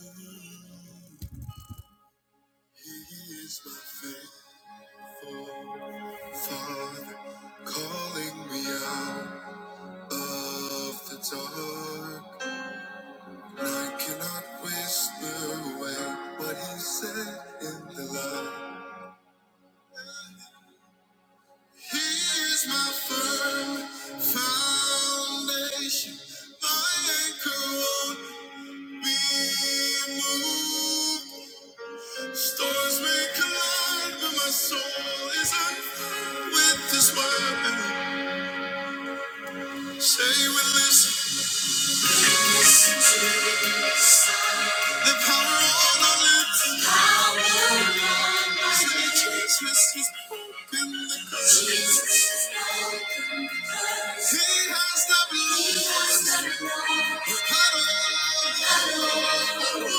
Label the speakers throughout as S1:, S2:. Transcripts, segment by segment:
S1: He is my faithful Father, calling me out of the dark. And I cannot whisper away what He said in the light. He is my firm foundation, my anchor won't be moved. Stars may collide, but my soul is unfound with this weapon. Say we listen. The power on our lips. Power on our Say lips. Jesus has opened the curtain. Jesus has opened the curtain. He has not lost. Battle over you.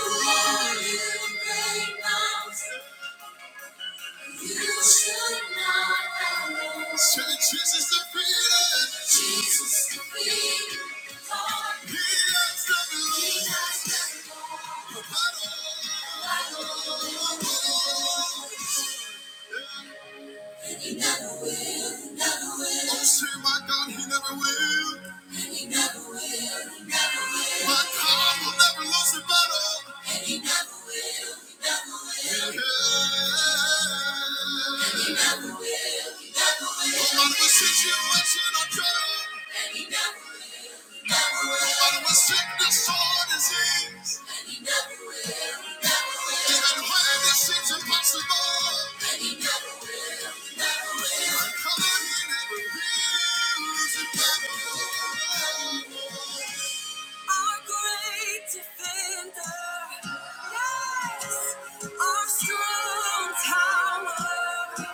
S1: Who are you, great mountain? Say Jesus defeated. Jesus defeated. All. He has done it all. He has done it all. Like a and He never will, never will. Oh, say my God, he never will. And He never will, he never will. My God will never lose a battle. And He never will, he never will. Yeah. And He never will, he never will. No matter what situation or trial. And He never will, he never will. No matter what sickness or disease. And He never will, Even when it seems impossible. And he never will. Never will. Come on, he never will. He's impossible. Our great defender, yes, our strong tower.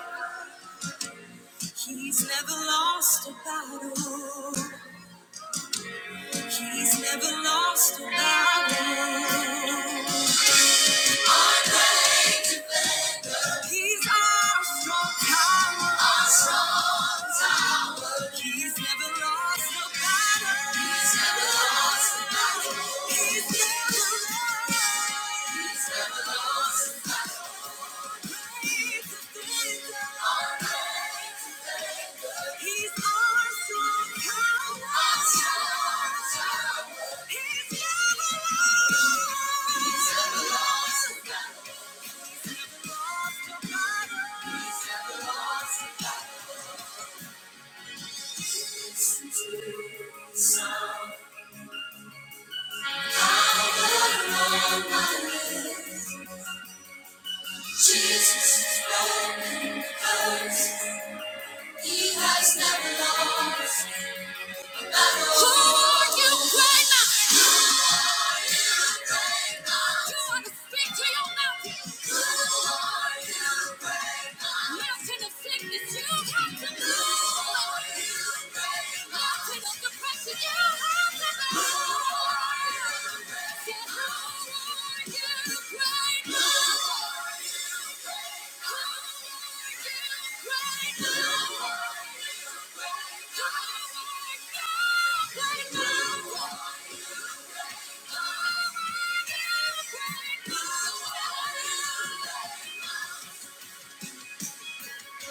S1: He's never lost a battle. He's never lost a battle. He's our strong tower. Our strong tower. He's never lost a battle. He's never lost a battle. He's never lost. He's never lost. He's is victor. Our faith He's our strong tower. Our strong tower. He's never He's never lost a battle. He's never lost a battle. He's never lost. no Who are you right now? Thank you.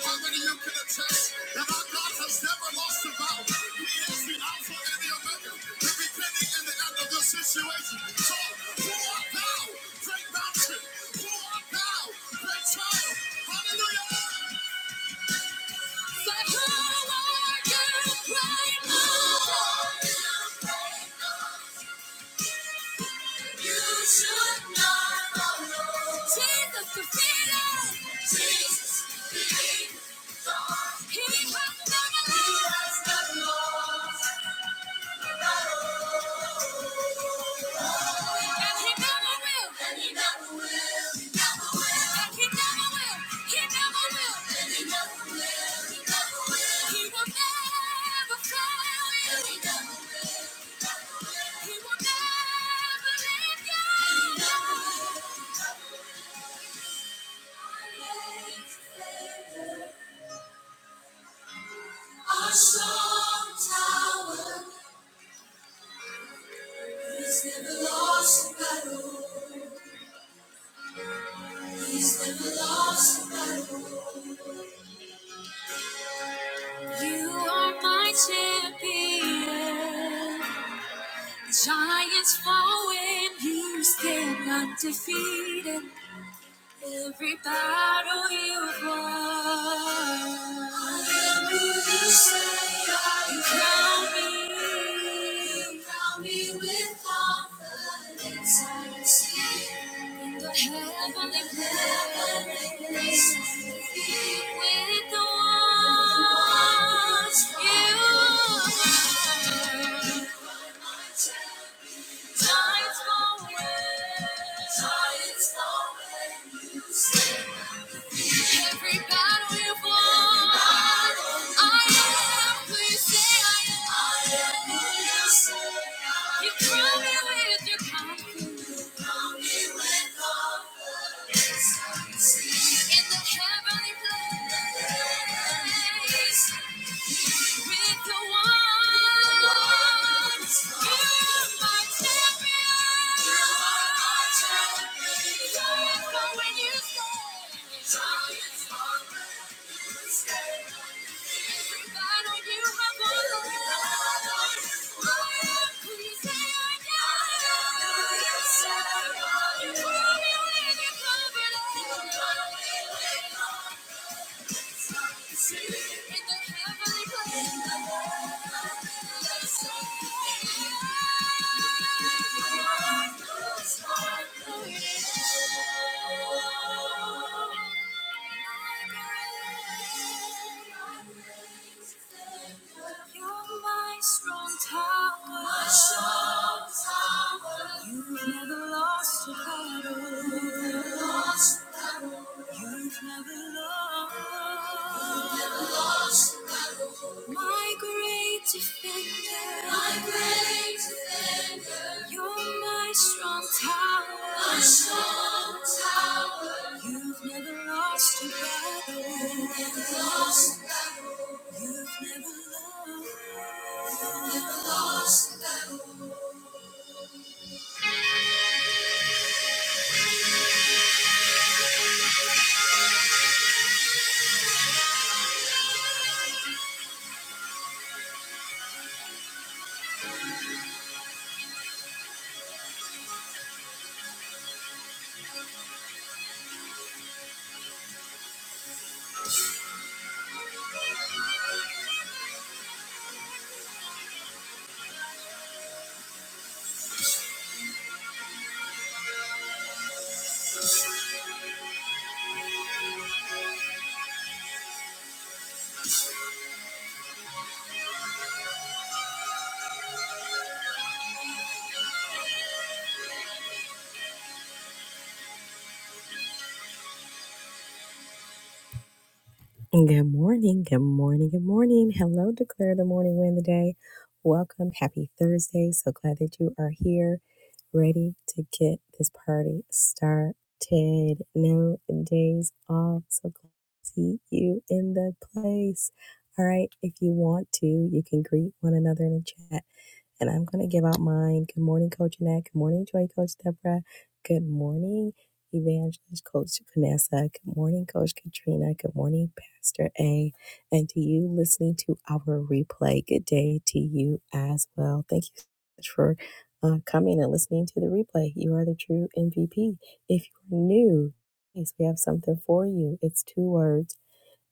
S1: How many of you can attest that our God has never lost a battle? He is the Alpha and the Omega, the beginning and the end of the situation. So, who art thou, great mountain? Who art thou, great child? Hallelujah! The are you great mountain. You should not follow. Jesus defeated. Jesus defeated. He has never lost. Our strong tower is never lost. You are my champion. Giants fall when you stand undefeated. Every battle you've won. Hallelujah, say, you crown me. You crown me with confidence. I can see in the heavenly place. With the ones you are. Tides go when- tides go when you say Every battle we won, I am. You say I am. You say I am. You crown me with your confidence. In the heavenly place. Thank you. You're my strong tower. My strong You've never lost a You've never lost a battle. You've never lost. My great defender. My great defender. You're my strong tower. My strong tower. You've never lost a battle. You've never lost. You've never loved. You've never lost. Good morning, good morning, good morning. Hello, declare the morning win the day. Welcome, happy Thursday. So glad that you are here, ready to get this party started. No days off. So glad to see you in the place. All right, if you want to, you can greet one another in the chat and I'm going to give out mine. Good morning, Coach Annette. Good morning, Joy Coach Deborah. Good morning, Evangelist Coach Vanessa. Good morning, Coach Katrina. Good morning, Pastor A. And to you listening to our replay, good day to you as well. Thank you so much for uh, coming and listening to the replay. You are the true MVP. If you're new, yes, we have something for you. It's two words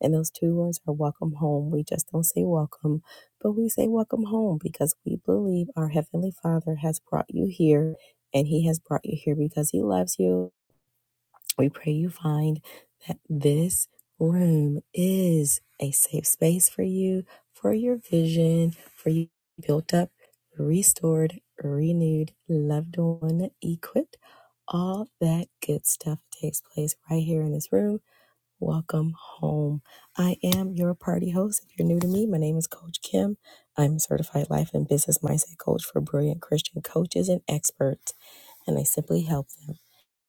S1: and those two words are welcome home. We just don't say welcome, but we say welcome home because we believe our Heavenly Father has brought you here and He has brought you here because He loves you. We pray you find that this room is a safe space for you, for your vision, for you built up, restored, renewed, loved on, equipped. All that good stuff takes place right here in this room Welcome home. I am your party host. If you're new to me, my name is Coach Kim. I'm a certified life and business mindset coach for brilliant Christian coaches and experts, and I simply help them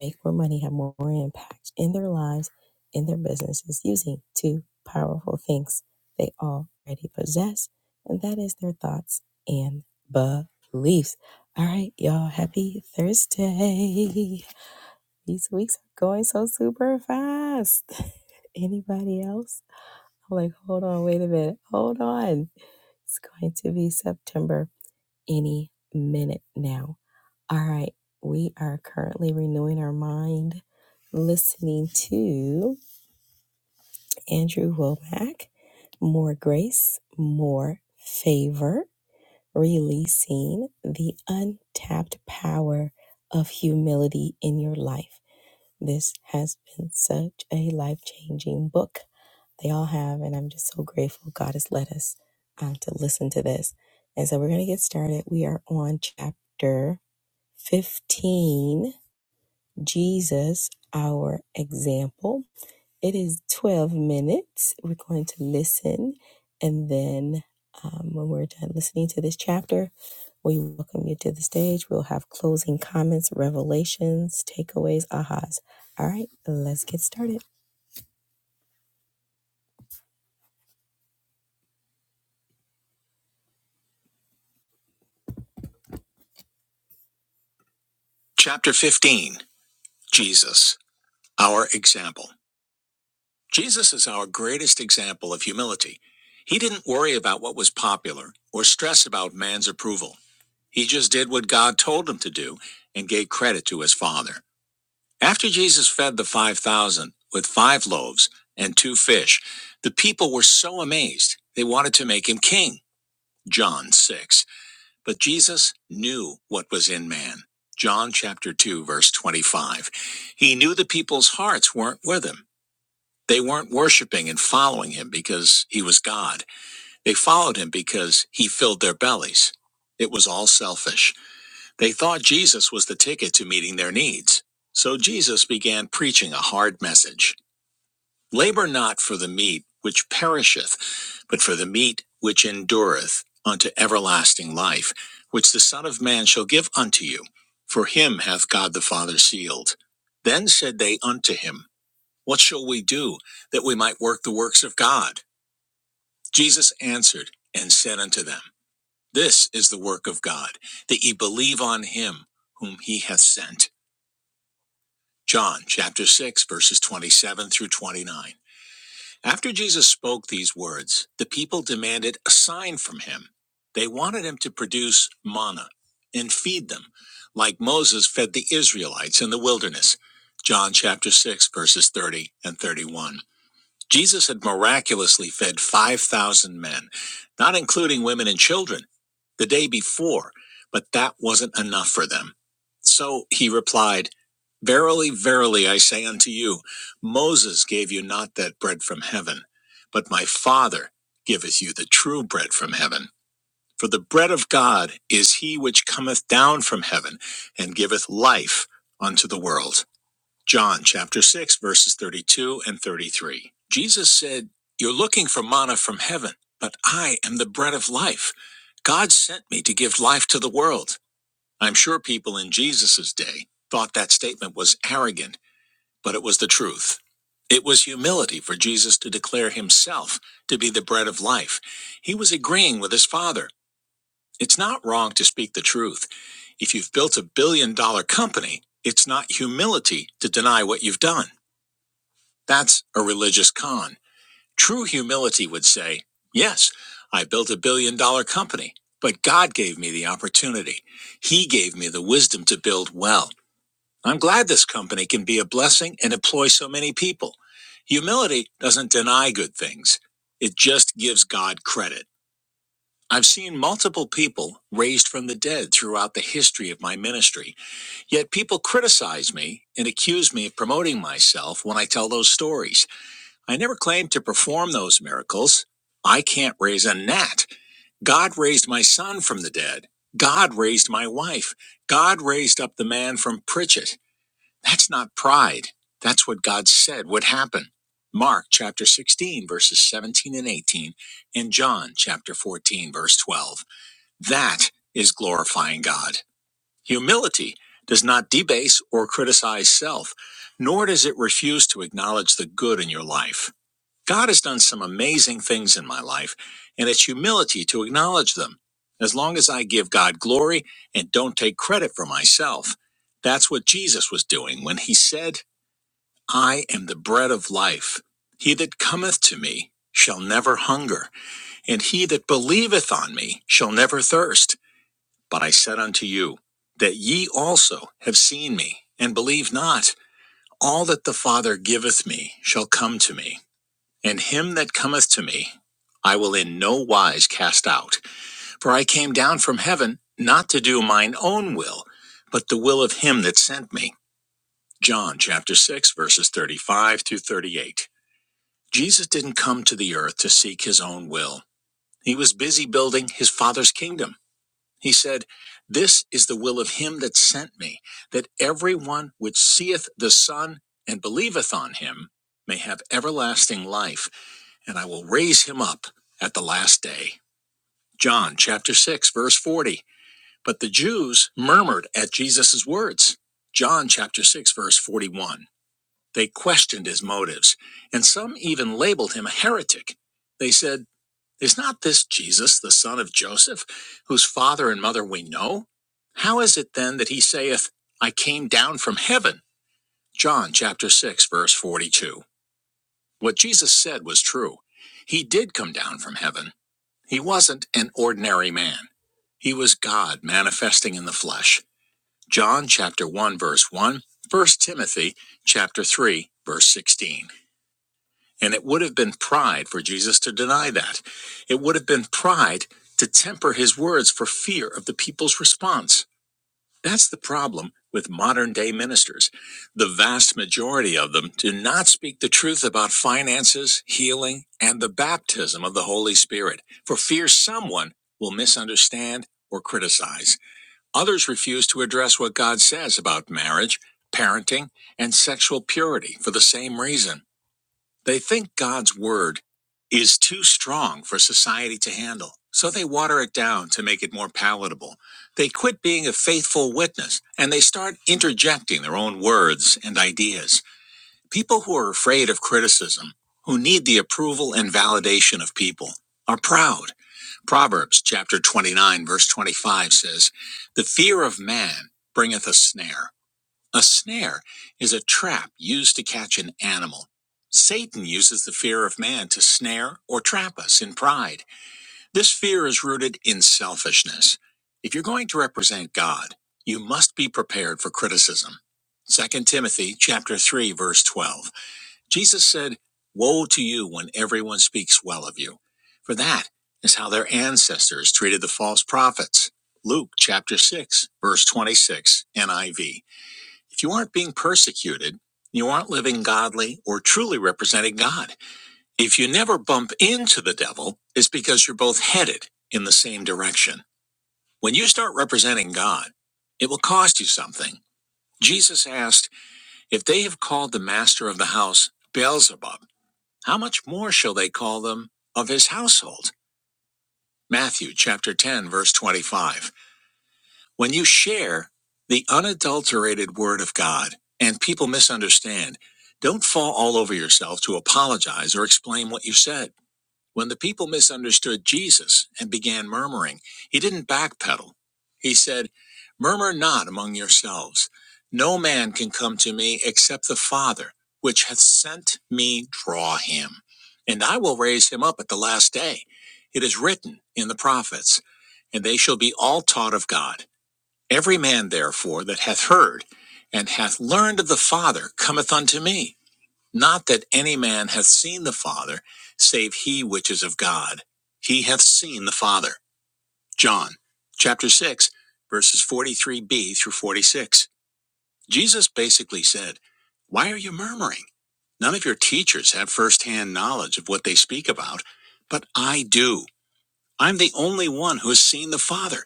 S1: make more money, have more impact in their lives, in their businesses, using two powerful things they already possess, and that is their thoughts and beliefs. All right, y'all, happy Thursday. These weeks are going so super fast. Anybody else? I'm like, hold on, wait a minute. Hold on. It's going to be September any minute now. All right. We are currently renewing our mind, listening to Andrew Womack, More Grace, More Favor, releasing the untapped power of humility in your life. This has been such a life changing book. They all have, and I'm just so grateful God has led us uh, to listen to this. And so we're going to get started. We are on chapter 15 Jesus, our example. It is 12 minutes. We're going to listen. And then um, when we're done listening to this chapter, we welcome you to the stage. We'll have closing comments, revelations, takeaways, ahas. All right, let's get started. Chapter 15 Jesus, our example. Jesus is our greatest example of humility. He didn't worry about what was popular or stress about man's approval. He just did what God told him to do and gave credit to his Father. After Jesus fed the 5,000 with five loaves and two fish, the people were so amazed they wanted to make him king. John 6. But Jesus knew what was in man. John chapter 2, verse 25. He knew the people's hearts weren't with him. They weren't worshiping and following him because he was God. They followed him because he filled their bellies. It was all selfish. They thought Jesus was the ticket to meeting their needs. So Jesus began preaching a hard message Labor not for the meat which perisheth, but for the meat which endureth unto everlasting life, which the Son of Man shall give unto you. For him hath God the Father sealed. Then said they unto him, What shall we do that we might work the works of God? Jesus answered and said unto them, This is the work of God, that ye believe on him whom he hath sent. John chapter 6 verses 27 through 29. After Jesus spoke these words, the people demanded a sign from him. They wanted him to produce manna and feed them, like Moses fed the Israelites in the wilderness. John chapter 6 verses 30 and 31. Jesus had miraculously fed 5,000 men, not including women and children, the day before, but that wasn't enough for them. So he replied, Verily, verily, I say unto you, Moses gave you not that bread from heaven, but my Father giveth you the true bread from heaven. For the bread of God is he which cometh down from heaven and giveth life unto the world. John chapter 6, verses 32 and 33. Jesus said, You're looking for manna from heaven, but I am the bread of life. God sent me to give life to the world. I'm sure people in Jesus' day thought that statement was arrogant, but it was the truth. It was humility for Jesus to declare himself to be the bread of life. He was agreeing with his Father. It's not wrong to speak the truth. If you've built a billion dollar company, it's not humility to deny what you've done. That's a religious con. True humility would say, Yes, I built a billion dollar company, but God gave me the opportunity. He gave me the wisdom to build well. I'm glad this company can be a blessing and employ so many people. Humility doesn't deny good things, it just gives God credit. I've seen multiple people raised from the dead throughout the history of my ministry. Yet people criticize me and accuse me of promoting myself when I tell those stories. I never claimed to perform those miracles. I can't raise a gnat. God raised my son from the dead. God raised my wife. God raised up the man from Pritchett. That's not pride. That's what God said would happen. Mark chapter 16, verses 17 and 18, and John chapter 14, verse 12. That is glorifying God. Humility does not debase or criticize self, nor does it refuse to acknowledge the good in your life. God has done some amazing things in my life, and it's humility to acknowledge them. As long as I give God glory and don't take credit for myself, that's what Jesus was doing when he said, I am the bread of life. He that cometh to me shall never hunger, and he that believeth on me shall never thirst. But I said unto you, that ye also have seen me, and believe not. All that the Father giveth me shall come to me and him that cometh to me, I will in no wise cast out. For I came down from heaven not to do mine own will, but the will of him that sent me. John chapter 6, verses 35 through 38. Jesus didn't come to the earth to seek his own will. He was busy building his Father's kingdom. He said, This is the will of him that sent me, that everyone which seeth the Son and believeth on him may have everlasting life, and I will raise him up at the last day. John chapter 6, verse 40. But the Jews murmured at Jesus' words. John chapter 6, verse 41. They questioned his motives, and some even labeled him a heretic. They said, Is not this Jesus, the son of Joseph, whose father and mother we know? How is it then that he saith, 'I came down from heaven? John chapter 6 verse 42. What Jesus said was true. He did come down from heaven. He wasn't an ordinary man. He was God manifesting in the flesh. John chapter 1 verse 1, 1 Timothy chapter 3 verse 16. And it would have been pride for Jesus to deny that. It would have been pride to temper his words for fear of the people's response. That's the problem with modern day ministers. The vast majority of them do not speak the truth about finances, healing, and the baptism of the Holy Spirit for fear someone will misunderstand or criticize. Others refuse to address what God says about marriage, parenting, and sexual purity for the same reason. They think God's word is too strong for society to handle, so they water it down to make it more palatable. They quit being a faithful witness and they start interjecting their own words and ideas. People who are afraid of criticism, who need the approval and validation of people, are proud. Proverbs chapter 29 verse 25 says, The fear of man bringeth a snare a snare is a trap used to catch an animal. Satan uses the fear of man to snare or trap us in pride. This fear is rooted in selfishness. If you're going to represent God, you must be prepared for criticism. Second Timothy chapter 3 verse 12. Jesus said, "Woe to you when everyone speaks well of you, for that is how their ancestors treated the false prophets." Luke chapter 6 verse 26 NIV. If you aren't being persecuted, you aren't living godly or truly representing God. If you never bump into the devil, it's because you're both headed in the same direction. When you start representing God, it will cost you something. Jesus asked, If they have called the master of the house Beelzebub, how much more shall they call them of his household? Matthew chapter 10, verse 25. When you share the unadulterated word of God and people misunderstand, don't fall all over yourself to apologize or explain what you said. When the people misunderstood Jesus and began murmuring, he didn't backpedal. He said, Murmur not among yourselves. No man can come to me except the Father, which hath sent me, draw him. And I will raise him up at the last day. It is written in the prophets, and they shall be all taught of God. Every man, therefore, that hath heard and hath learned of the Father cometh unto me. Not that any man hath seen the Father, save he which is of God. He hath seen the Father. John chapter 6, verses 43b through 46. Jesus basically said, Why are you murmuring? None of your teachers have firsthand knowledge of what they speak about, but I do. I'm the only one who has seen the Father,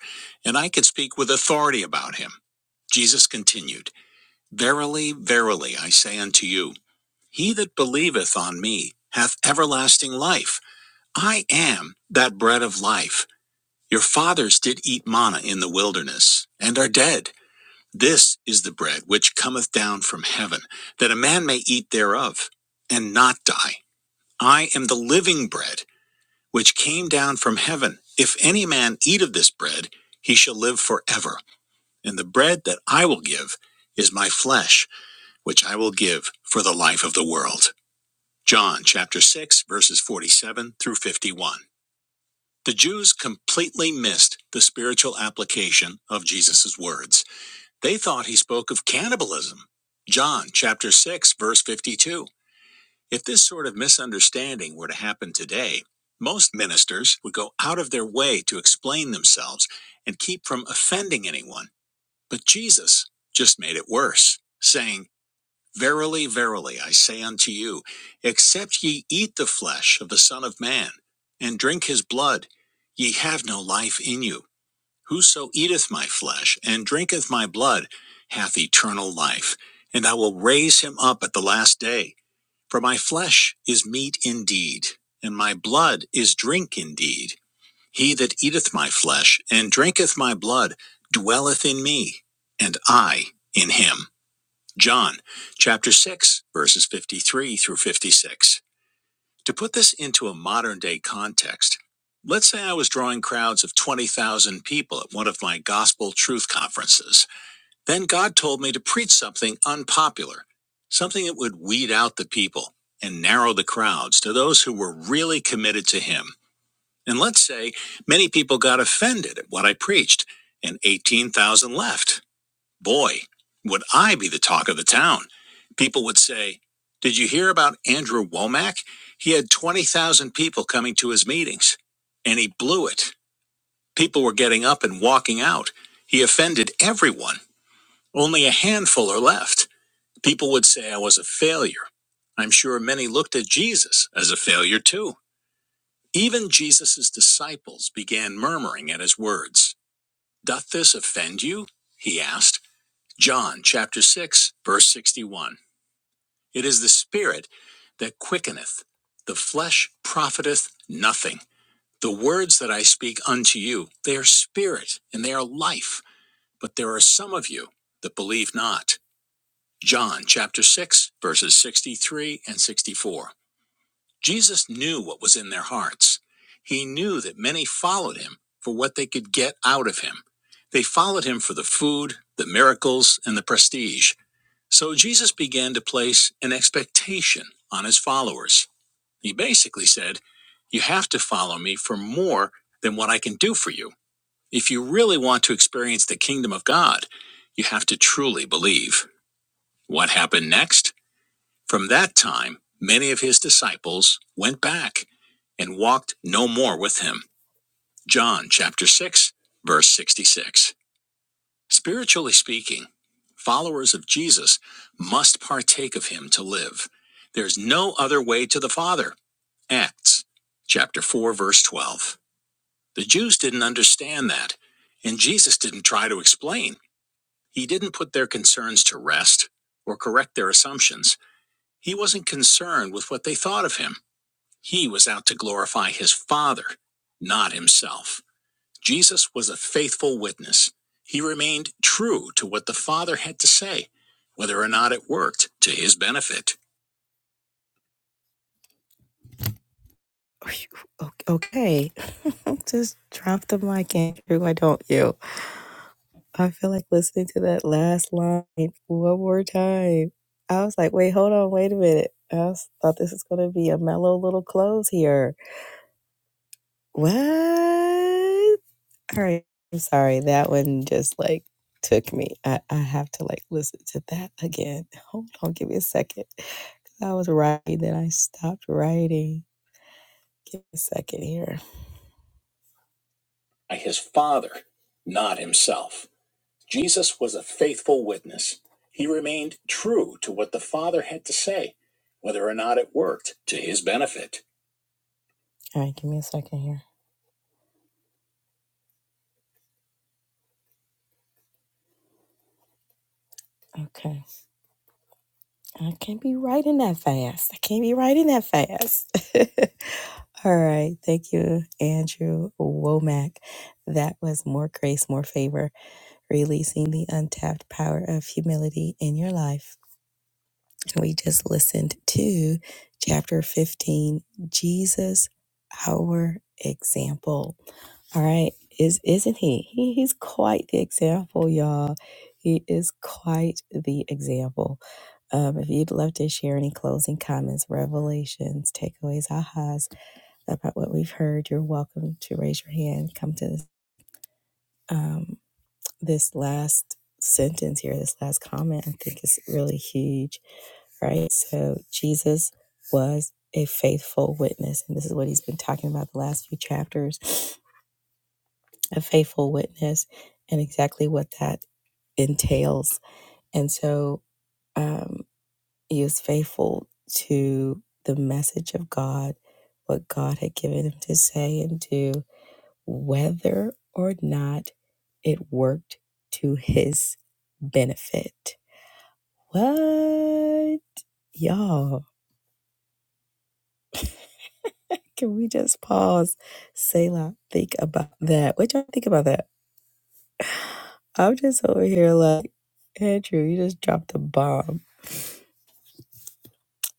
S1: and I can speak with authority about him. Jesus continued, Verily, verily, I say unto you, he that believeth on me hath everlasting life. I am that bread of life. Your fathers did eat manna in the wilderness, and are dead. This is the bread which cometh down from heaven, that a man may eat thereof, and not die. I am the living bread which came down from heaven. If any man eat of this bread, he shall live forever. And the bread that I will give is my flesh, which I will give for the life of the world. John chapter 6, verses 47 through 51. The Jews completely missed the spiritual application of Jesus' words. They thought he spoke of cannibalism. John chapter 6, verse 52. If this sort of misunderstanding were to happen today, most ministers would go out of their way to explain themselves and keep from offending anyone. But Jesus just made it worse, saying, Verily, verily, I say unto you, except ye eat the flesh of the Son of Man and drink his blood, ye have no life in you. Whoso eateth my flesh and drinketh my blood hath eternal life, and I will raise him up at the last day. For my flesh is meat indeed, and my blood is drink indeed. He that eateth my flesh and drinketh my blood dwelleth in me, and I in him. John chapter 6, verses 53 through 56. To put this into a modern day context, let's say I was drawing crowds of 20,000 people at one of my gospel truth conferences. Then God told me to preach something unpopular, something that would weed out the people and narrow the crowds to those who were really committed to Him. And let's say many people got offended at what I preached, and 18,000 left. Boy, would I be the talk of the town. People would say, Did you hear about Andrew Womack? He had 20,000 people coming to his meetings, and he blew it. People were getting up and walking out. He offended everyone. Only a handful are left. People would say I was a failure. I'm sure many looked at Jesus as a failure too. Even Jesus' disciples began murmuring at his words. Doth this offend you? He asked. John chapter 6, verse 61. It is the Spirit that quickeneth, the flesh profiteth nothing. The words that I speak unto you, they are spirit and they are life, but there are some of you that believe not. John chapter 6, verses 63 and 64. Jesus knew what was in their hearts. He knew that many followed him for what they could get out of him. They followed him for the food, the miracles, and the prestige. So Jesus began to place an expectation on his followers. He basically said, You have to follow me for more than what I can do for you. If you really want to experience the kingdom of God, you have to truly believe. What happened next? From that time, many of his disciples went back and walked no more with him. John chapter 6, verse 66. Spiritually speaking, followers of Jesus must partake of him to live. There's no other way to the Father. Acts chapter 4, verse 12. The Jews didn't understand that, and Jesus didn't try to explain. He didn't put their concerns to rest or correct their assumptions. He wasn't concerned with what they thought of him. He was out to glorify his Father, not himself. Jesus was a faithful witness. He remained true to what the Father had to say, whether or not it worked to his benefit. Okay. Just drop the mic, Andrew. Why don't you? I feel like listening to that last line one more time. I was like, wait, hold on, wait a minute. I was, thought this was going to be a mellow little close here. What? All right. I'm sorry. That one just like took me. I, I have to like listen to that again. Hold on. Give me a second. 'Cause I was writing, then I stopped writing. Give me a second here. By his father, not himself. Jesus was a faithful witness. He remained true to what the father had to say, whether or not it worked to his benefit. All right. Give me a second here. Okay. I can't be writing that fast. I can't be writing that fast. All right. Thank you, Andrew Womack. That was More Grace, More Favor, releasing the untapped power of humility in your life. And we just listened to chapter 15 Jesus, our example. All right, is isn't he? he? He's quite the example, y'all. He is quite the example. Um, if you'd love to share any closing comments, revelations, takeaways, ahas about what we've heard, you're welcome to raise your hand. Come to this, um, this last sentence here, this last comment. I think is really huge, right? So Jesus was a faithful witness, and this is what he's been talking about the last few chapters a faithful witness and exactly what that entails. And so um, he was faithful to the message of God, what God had given him to say and do, whether or not it worked to his benefit. What? Y'all, can we just pause, Selah, think about that? What y'all think about that? I'm just over here like, Andrew, you just dropped a bomb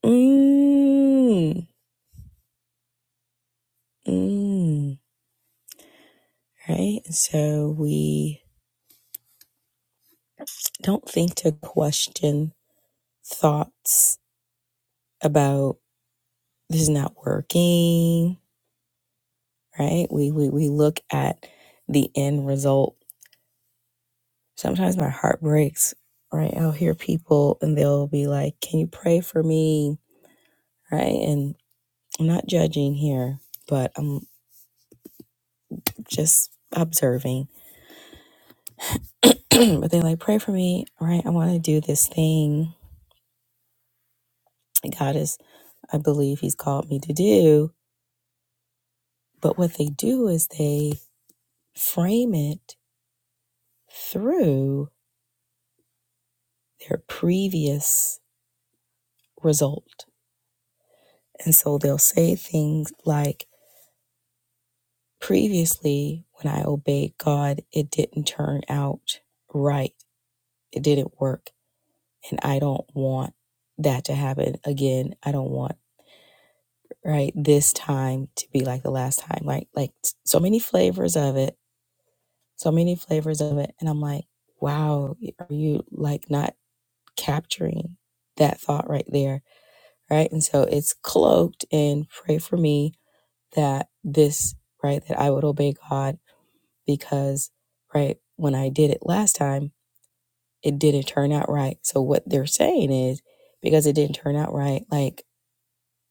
S1: Mm, mm, right? So we don't think to question thoughts about this is not working, right? We, we, we look at the end result. Sometimes my heart breaks, right? I'll hear people and they'll be like, Can you pray for me? Right? And I'm not judging here, but I'm just observing. but they're like, Pray for me, right? I want to do this thing God is, I believe He's called me to do. But what they do is they frame it through their previous result. And so they'll say things like, previously, when I obeyed God, it didn't turn out right, it didn't work. And I don't want that to happen again. I don't want right this time to be like the last time like like so many flavors of it so many flavors of it. And I'm like, wow, are you like not capturing that thought right there? Right. And so it's cloaked in pray for me that this, right, that I would obey God because, right, when I did it last time, it didn't turn out right. So what they're saying is because it didn't turn out right, like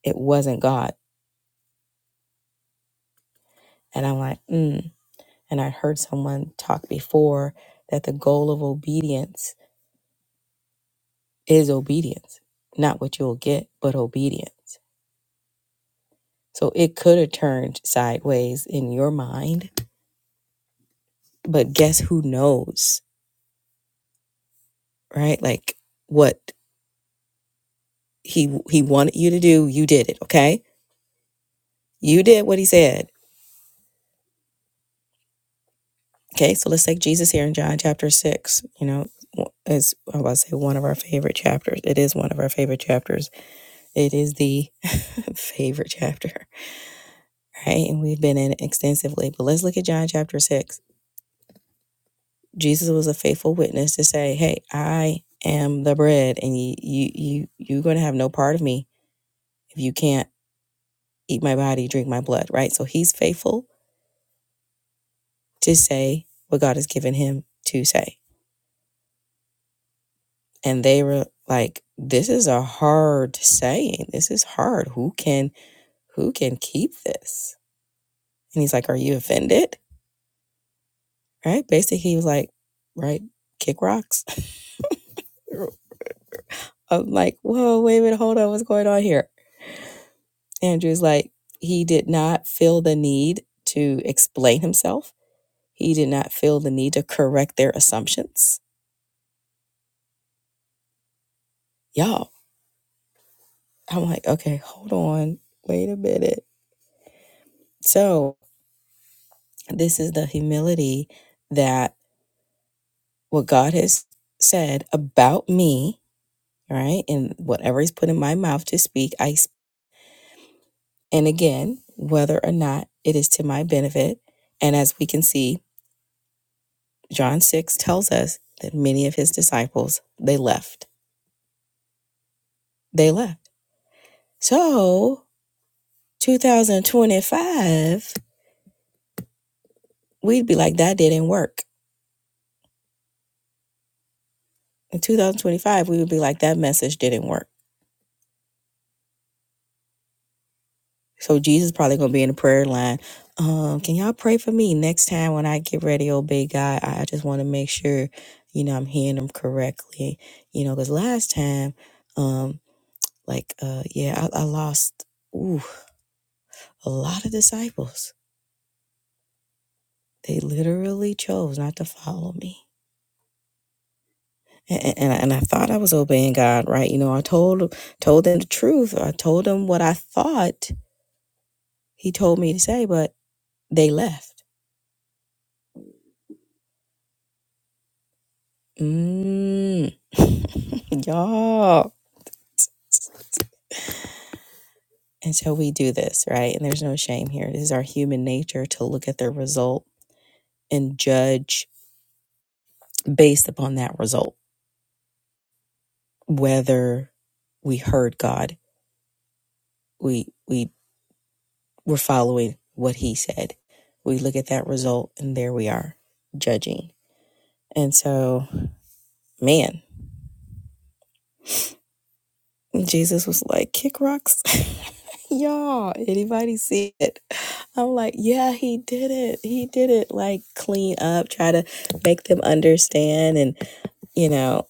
S1: it wasn't God. And I'm like, mm. And I heard someone talk before that the goal of obedience is obedience, not what you'll get, but obedience. So it could have turned sideways in your mind, but guess who knows, right? Like what he he wanted you to do, you did it, okay? You did what he said. Okay, so let's take Jesus here in John chapter 6, you know, is I was about to say one of our favorite chapters. It is one of our favorite chapters. It is the favorite chapter, right? And we've been in it extensively. But let's look at John chapter 6 Jesus was a faithful witness to say, "Hey, I am the bread, and you you you you're going to have no part of me if you can't eat my body, drink my blood." Right? So he's faithful to say what God has given him to say, and they were like, "This is a hard saying. This is hard. Who can who can keep this?" And he's like, "Are you offended?" Right? Basically, he was like, "Right, kick rocks." I'm like, "Whoa, wait a minute, hold on, what's going on here?" Andrew's like, he did not feel the need to explain himself. He did not feel the need to correct their assumptions. Y'all, I'm like, okay, hold on. Wait a minute. So, this is the humility that what God has said about me, right? And whatever He's put in my mouth to speak, I, speak. and again, whether or not it is to my benefit. And as we can see, John 6 tells us that many of his disciples, they left They left. So 2025, we'd be like, that didn't work. In 2025, we would be like, that message didn't work. So Jesus probably gonna be in the prayer line. Um, can y'all pray for me next time when I get ready, oh big God? I just want to make sure, you know, I'm hearing them correctly. You know, because last time, um, like uh yeah, I, I lost ooh, a lot of disciples. They literally chose not to follow me. and, and I, and I thought I was obeying God, right? You know, I told told them the truth. I told them what I thought He told me to say, but they left. Mm. Y'all. And so we do this, right? And there's no shame here. This is our human nature to look at the result and judge based upon that result, whether we heard God, we we were following what He said. We look at that result, and there we are judging. And so man jesus was like kick rocks y'all anybody see it i'm like yeah he did it he did it like clean up try to make them understand and you know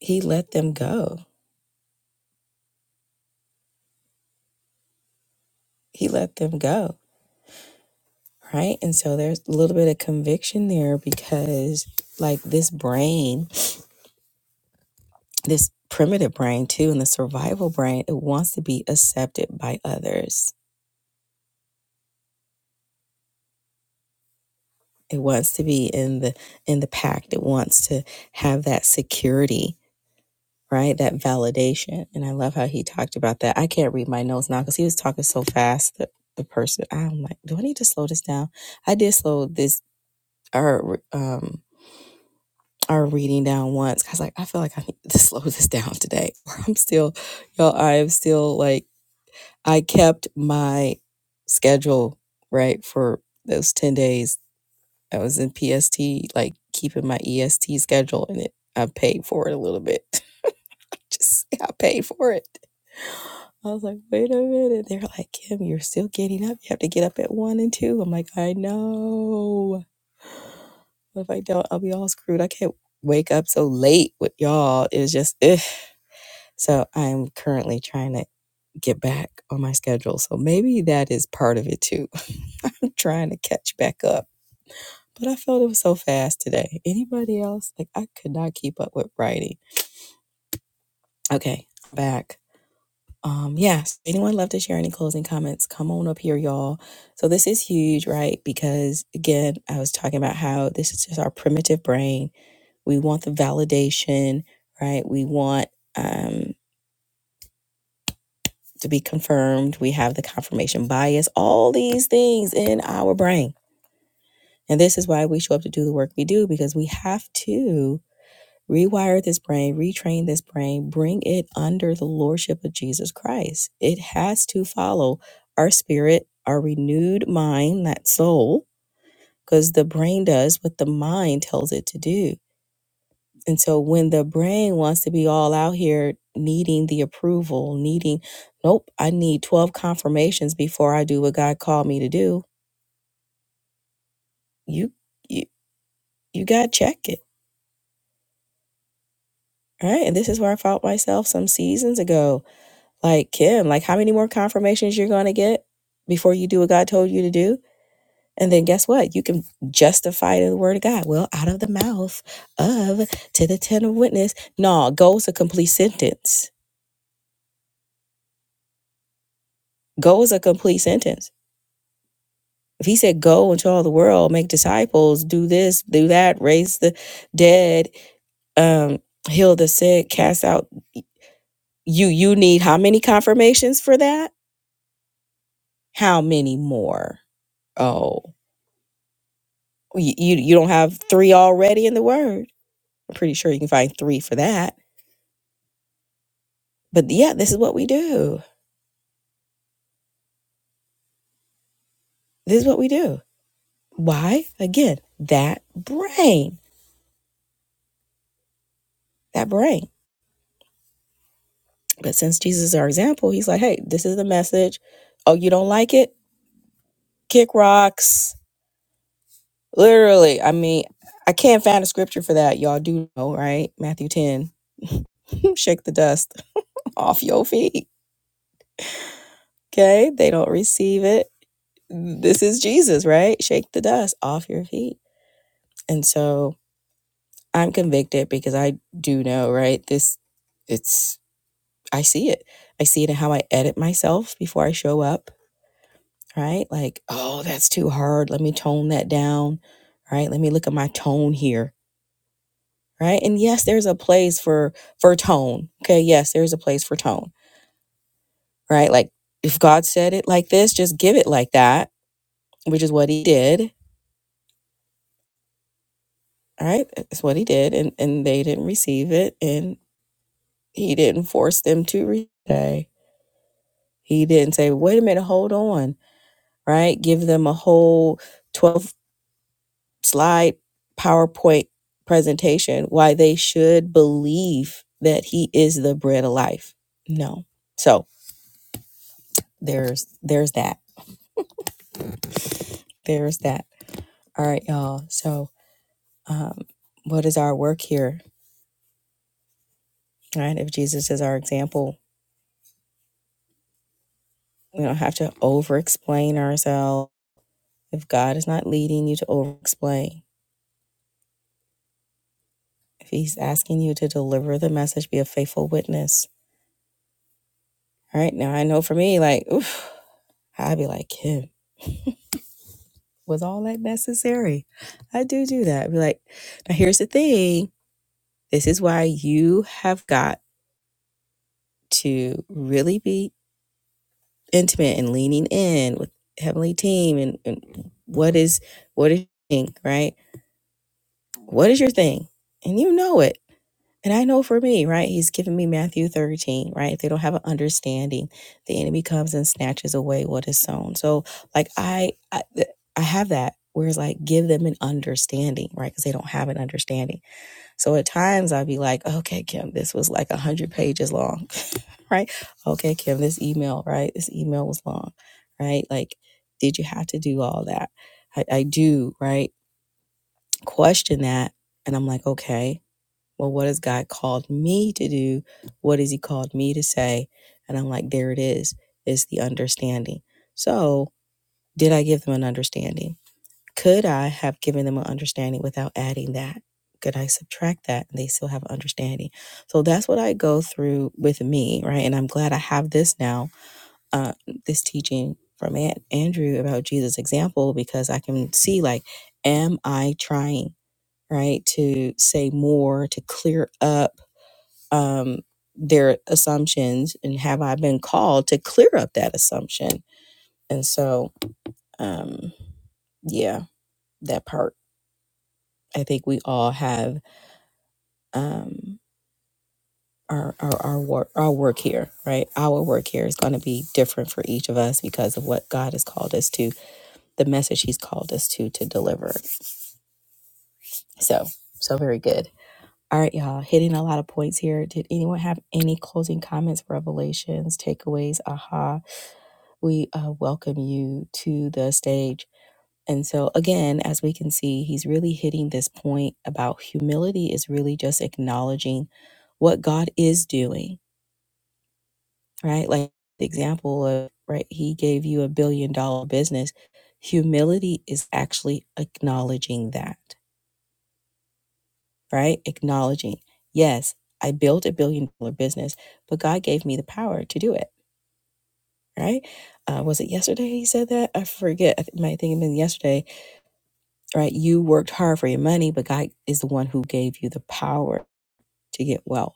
S1: he let them go he let them go right and so there's a little bit of conviction there because like this brain this primitive brain too and the survival brain it wants to be accepted by others it wants to be in the in the pact it wants to have that security right that validation and i love how he talked about that i can't read my notes now because he was talking so fast that the person i'm like do i need to slow this down i did slow this our um our reading down once. i was like i feel like i need to slow this down today or i'm still y'all i am still like i kept my schedule right for those 10 days I was in PST, like keeping my EST schedule, and it I paid for it a little bit. Just I paid for it. I was like, wait a minute. They're like, Kim, you're still getting up. You have to get up at one and two. I'm like, I know. But if I don't, I'll be all screwed. I can't wake up so late with y'all. It was just, ugh. so I'm currently trying to get back on my schedule. So maybe that is part of it too. I'm trying to catch back up but I felt it was so fast today. Anybody else? Like I could not keep up with writing. Okay, back. Um, yes. Anyone love to share any closing comments? Come on up here, y'all. So this is huge, right? Because again, I was talking about how this is just our primitive brain. We want the validation, right? We want um to be confirmed. We have the confirmation bias, all these things in our brain. And this is why we show up to do the work we do because we have to Rewire this brain, retrain this brain, bring it under the lordship of Jesus Christ. It has to follow our spirit, our renewed mind, that soul, because the brain does what the mind tells it to do. And so when the brain wants to be all out here needing the approval, needing, nope, I need 12 confirmations before I do what God called me to do, you you you gotta check it. All right. And this is where I found myself some seasons ago Like Kim, like how many more confirmations you're going to get before you do what God told you to do? And then guess what? You can justify it the word of God. Well, out of the mouth of to the ten of witness. No, go is a complete sentence. Go is a complete sentence. If he said go into all the world, make disciples, do this, do that, raise the dead, um, heal the sick, cast out you you need how many confirmations for that? How many more? Oh. you you you don't have three already in the word i'm pretty sure you can find three for that but yeah this is what we do this is what we do why again that brain that brain but since jesus is our example he's like hey this is the message oh you don't like it kick rocks literally i mean i can't find a scripture for that y'all do know right matthew 10 shake the dust off your feet okay they don't receive it this is jesus right shake the dust off your feet And so I'm convicted because I do know, right? This, it's, I see it. I see it in how I edit myself before I show up, right? Like, oh, that's too hard. Let me tone that down, right? Let me look at my tone here, right? And yes, there's a place for, for tone. Okay. Yes, there's a place for tone, right? Like, if God said it like this, just give it like that, which is what he did, all right? That's what he did. And, and they didn't receive it. And he didn't force them to read it. He didn't say, wait a minute, hold on, right? Give them a whole 12 slide PowerPoint presentation why they should believe that he is the bread of life. No. So there's there's that. There's that. All right, y'all. So um what is our work here? Right? If Jesus is our example, we don't have to over explain ourselves. If God is not leading you to over explain, if he's asking you to deliver the message, be a faithful witness All right. Now I know for me, like, oof, I'd be like, Kim, was all that necessary? I do do that. I'd be like, now here's the thing. This is why you have got to really be intimate and leaning in with Heavenly Team and, and what is what is your thing, right? What is your thing? And you know it. And I know for me, right? He's given me Matthew 13, right? If they don't have an understanding, the enemy comes and snatches away what is sown. So, like, I, I, I have that. Whereas, like, give them an understanding, right? Because they don't have an understanding. So at times I'd be like, okay, Kim, this was like a hundred pages long, right? Okay, Kim, this email, right? This email was long, right? Like, did you have to do all that? I, I do, right? Question that, and I'm like, okay. Well, what has God called me to do? What has He called me to say? And I'm like, there it is. It's the understanding. So, did I give them an understanding? Could I have given them an understanding without adding that? Could I subtract that and they still have understanding? So that's what I go through with me, right? And I'm glad I have this now, uh, this teaching from Aunt Andrew about Jesus' example, because I can see like, am I trying, right, to say more, to clear up? um, their assumptions and have I been called to clear up that assumption? And so, um, yeah, that part. I think we all have um, our, our, our, work, our work here, right? Our work here is going to be different for each of us because of what God has called us to, the message He's called us to to deliver. So, so very good. All right, y'all, hitting a lot of points here. Did anyone have any closing comments, revelations, takeaways, aha? we uh, welcome you to the stage. And so, again, as we can see, he's really hitting this point about humility is really just acknowledging what God is doing, right? Like the example of, right, he gave you a billion dollar business. Humility is actually acknowledging that, right? Acknowledging, yes, I built a billion dollar business, but God gave me the power to do it, right? Uh, was it yesterday he said that? I forget. I th- might think it might have been yesterday right? You worked hard for your money, but God is the one who gave you the power to get wealth.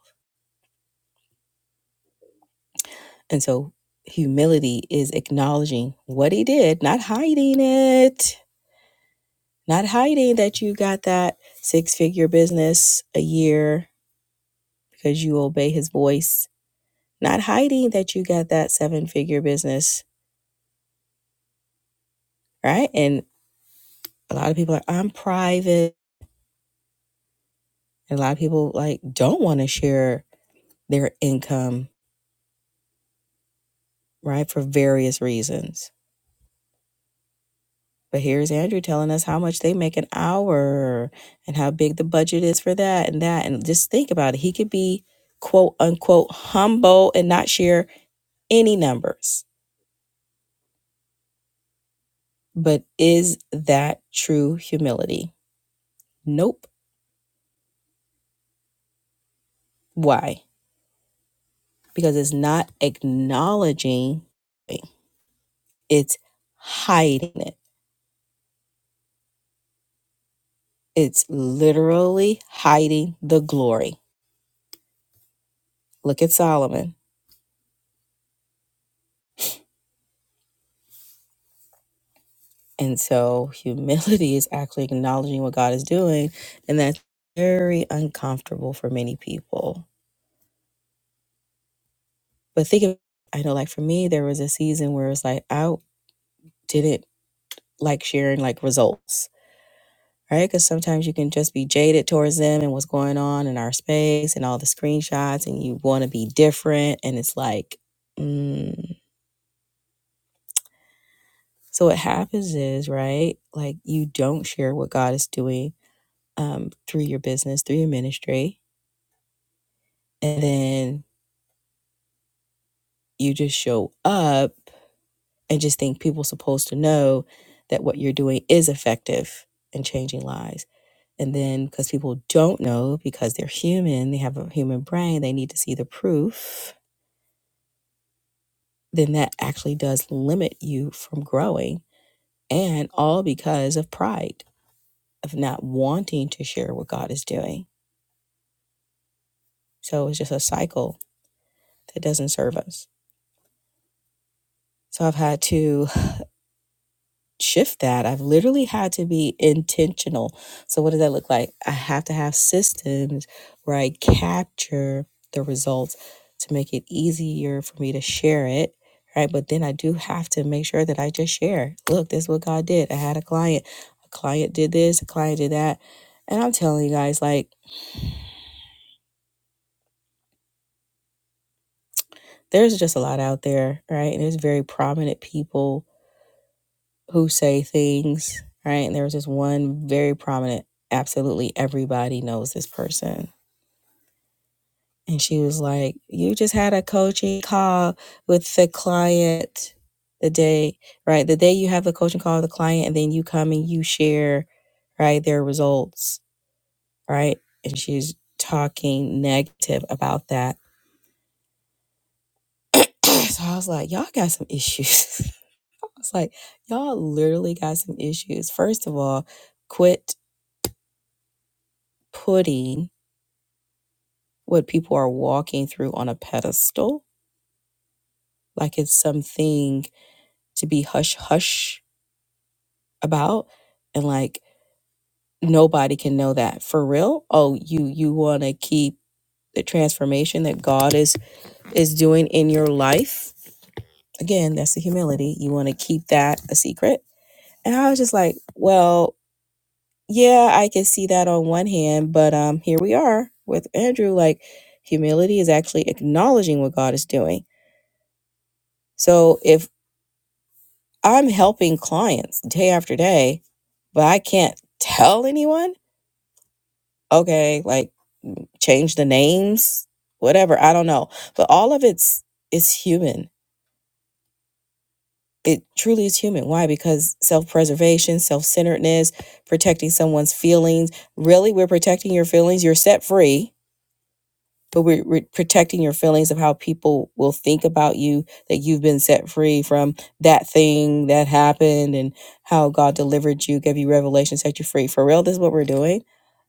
S1: And so humility is acknowledging what he did, not hiding it, not hiding that you got that six figure business a year because you obey his voice, not hiding that you got that seven figure business, right? And a lot of people are, I'm private. And a lot of people like don't want to share their income, right? For various reasons But here's Andrew telling us how much they make an hour and how big the budget is for that and that. And just think about it. He could be quote unquote humble and not share any numbers. But is that true humility? Nope. Why? Because it's not acknowledging, it's hiding it. It's literally hiding the glory. Look at Solomon And so humility is actually acknowledging what God is doing. And that's very uncomfortable for many people. But think of, I know, like for me, there was a season where it's like, I didn't like sharing like results, right? Because sometimes you can just be jaded towards them and what's going on in our space and all the screenshots, and you want to be different. And it's like, mm. so what happens is, right? Like you don't share what God is doing um, through your business, through your ministry. And then you just show up and just think people are supposed to know that what you're doing is effective in changing lives and then because people don't know because they're human they have a human brain they need to see the proof then that actually does limit you from growing and all because of pride of not wanting to share what god is doing so it's just a cycle that doesn't serve us so i've had to shift that. I've literally had to be intentional. So, what does that look like? I have to have systems where I capture the results to make it easier for me to share it. Right. But then I do have to make sure that I just share. Look, this is what God did. I had a client. A client did this, a client did that. And I'm telling you guys, like, there's just a lot out there, right? And there's very prominent people who say things, right? And there was this one very prominent, absolutely everybody knows this person. And she was like, You just had a coaching call with the client the day, right? The day you have the coaching call with the client, and then you come and you share, right, their results, right? And she's talking negative about that. so I was like, Y'all got some issues. I was like, Y'all literally got some issues. First of all, quit putting what people are walking through on a pedestal, like it's something to be hush hush about and like nobody can know that for real. Oh, you you want to keep the transformation that God is is doing in your life. Again, that's the humility. You want to keep that a secret. And I was just like, well, yeah, I can see that on one hand, but um here we are with Andrew like humility is actually acknowledging what God is doing. So if I'm helping clients day after day, but I can't tell anyone. Okay, like change the names, whatever, I don't know. But all of it's is human. It truly is human. Why? Because self-preservation, self-centeredness, protecting someone's feelings. Really, we're protecting your feelings. You're set free but we're, we're protecting your feelings of how people will think about you that you've been set free from that thing that happened and how god delivered you gave you revelation set you free for real this is what we're doing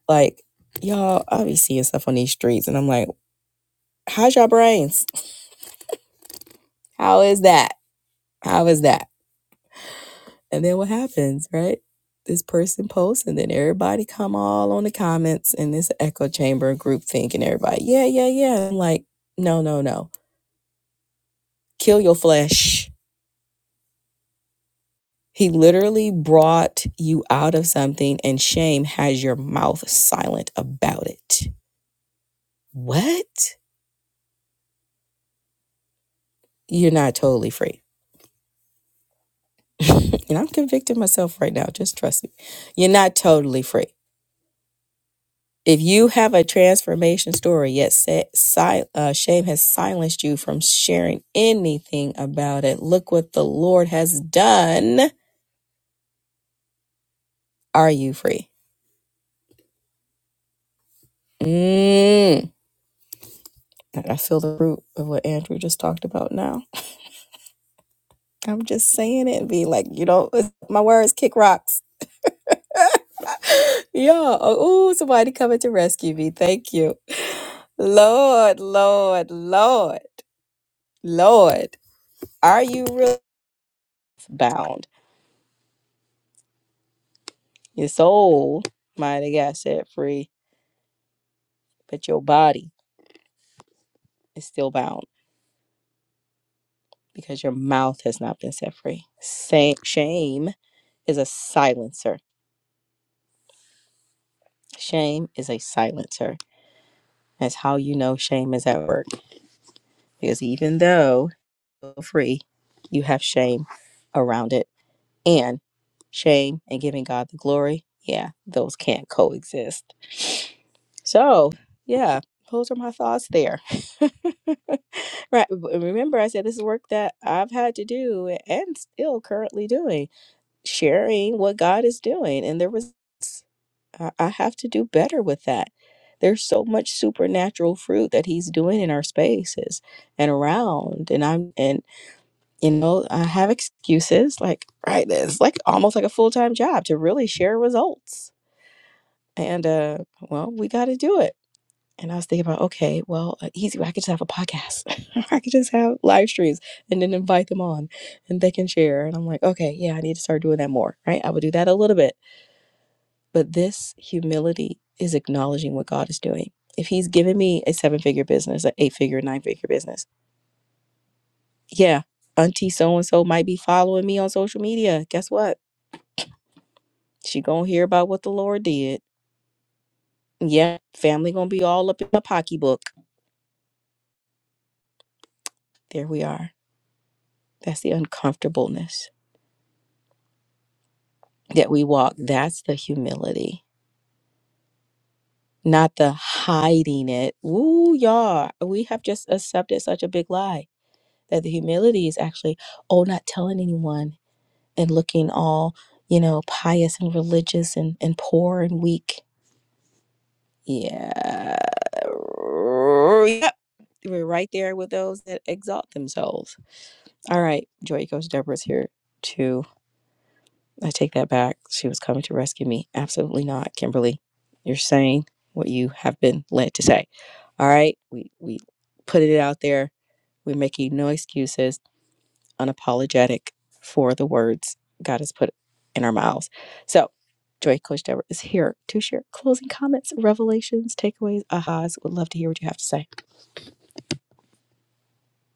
S1: like y'all i will be seeing stuff on these streets and i'm like how's your brains how is that how is that and then what happens right this person posts and then everybody come all on the comments in this echo chamber group think and everybody yeah yeah yeah I'm like no no no kill your flesh He literally brought you out of something, and shame has your mouth silent about it. What? You're not totally free. and I'm convicting myself right now. Just trust me. You're not totally free. If you have a transformation story, yet sa- si- uh, shame has silenced you from sharing anything about it, look what the Lord has done. Are you free? Mm. I feel the root of what Andrew just talked about now I'm just saying it and be like, you know, it's- my words kick rocks. yeah. Oh, ooh, somebody coming to rescue me. Thank you. Lord, Lord, Lord, Lord, are you really bound? Your soul might have got set free, but your body is still bound because your mouth has not been set free. Sa- Shame is a silencer. Shame is a silencer. That's how you know shame is at work. Because even though free, you have shame around it. And shame and giving God the glory, yeah, those can't coexist. So, yeah, those are my thoughts there. right. but Remember, I said this is work that I've had to do and still currently doing, sharing what God is doing. And there was, I I have to do better with that. There's so much supernatural fruit that he's doing in our spaces and around. And I'm and you know, I have excuses like right it's like almost like a full-time job to really share results. And uh well, we got to do it. And I was thinking about, okay, well, uh, easy. way, I could just have a podcast. I could just have live streams and then invite them on and they can share. And I'm like, okay, yeah, I need to start doing that more, right? I would do that a little bit. But this humility is acknowledging what God is doing. If He's given me a seven figure business, an eight figure, nine figure business, yeah, Auntie so and so might be following me on social media. Guess what? She gonna hear about what the Lord did. Yeah, family gonna be all up in the pocketbook. There we are. That's the uncomfortableness that we walk. That's the humility, not the hiding it. Ooh, y'all. We have just accepted such a big lie that the humility is actually oh, not telling anyone and looking all you know pious and religious and and poor and weak. Yeah, yep. We're right there with those that exalt themselves All right, Joy Coach Deborah's here too. I take that back. She was coming to rescue me. Absolutely not, Kimberly. You're saying what you have been led to say. All right, we we put it out there. We're making no excuses, unapologetic for the words God has put in our mouths. So, Joy Coach Deborah is here to share closing comments, revelations, takeaways, ahas. Would love to hear what you have to say.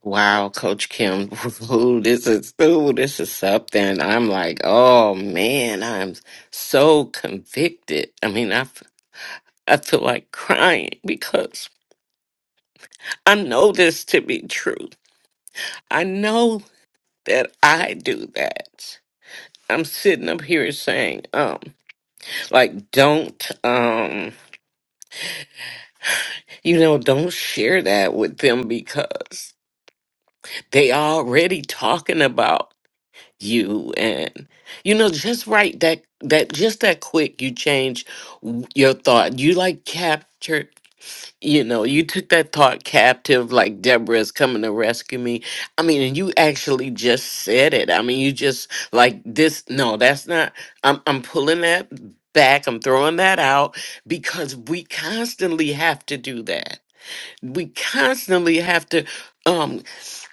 S2: Wow, Coach Kim, ooh, this is ooh, this is something. I'm like, oh man, I'm so convicted. I mean, I, f- I feel like crying because I know this to be true. I know that I do that. I'm sitting up here saying, um, like, don't, um, you know, don't share that with them because they already talking about. you and you know just right that that just that quick you change w- your thought you like captured you know you took that thought captive like deborah is coming to rescue me i mean and you actually just said it i mean you just like this no that's not i'm, I'm pulling that back i'm throwing that out because we constantly have to do that we constantly have to um,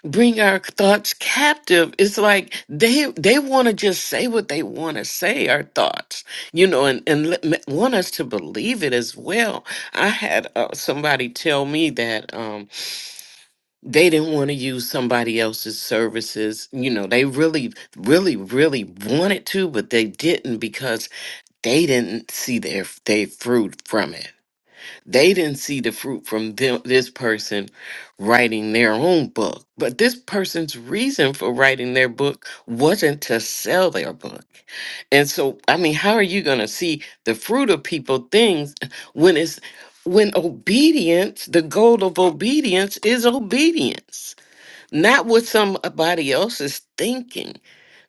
S2: bring our thoughts captive it's like they they want to just say what they want to say our thoughts you know and and let, ma- want us to believe it as well i had uh, somebody tell me that um they didn't want to use somebody else's services you know they really really really wanted to but they didn't because they didn't see their their fruit from it they didn't see the fruit from them, this person writing their own book. But this person's reason for writing their book wasn't to sell their book. And so, I mean, how are you going to see the fruit of people things when it's when obedience, the goal of obedience is obedience, not what somebody else is thinking.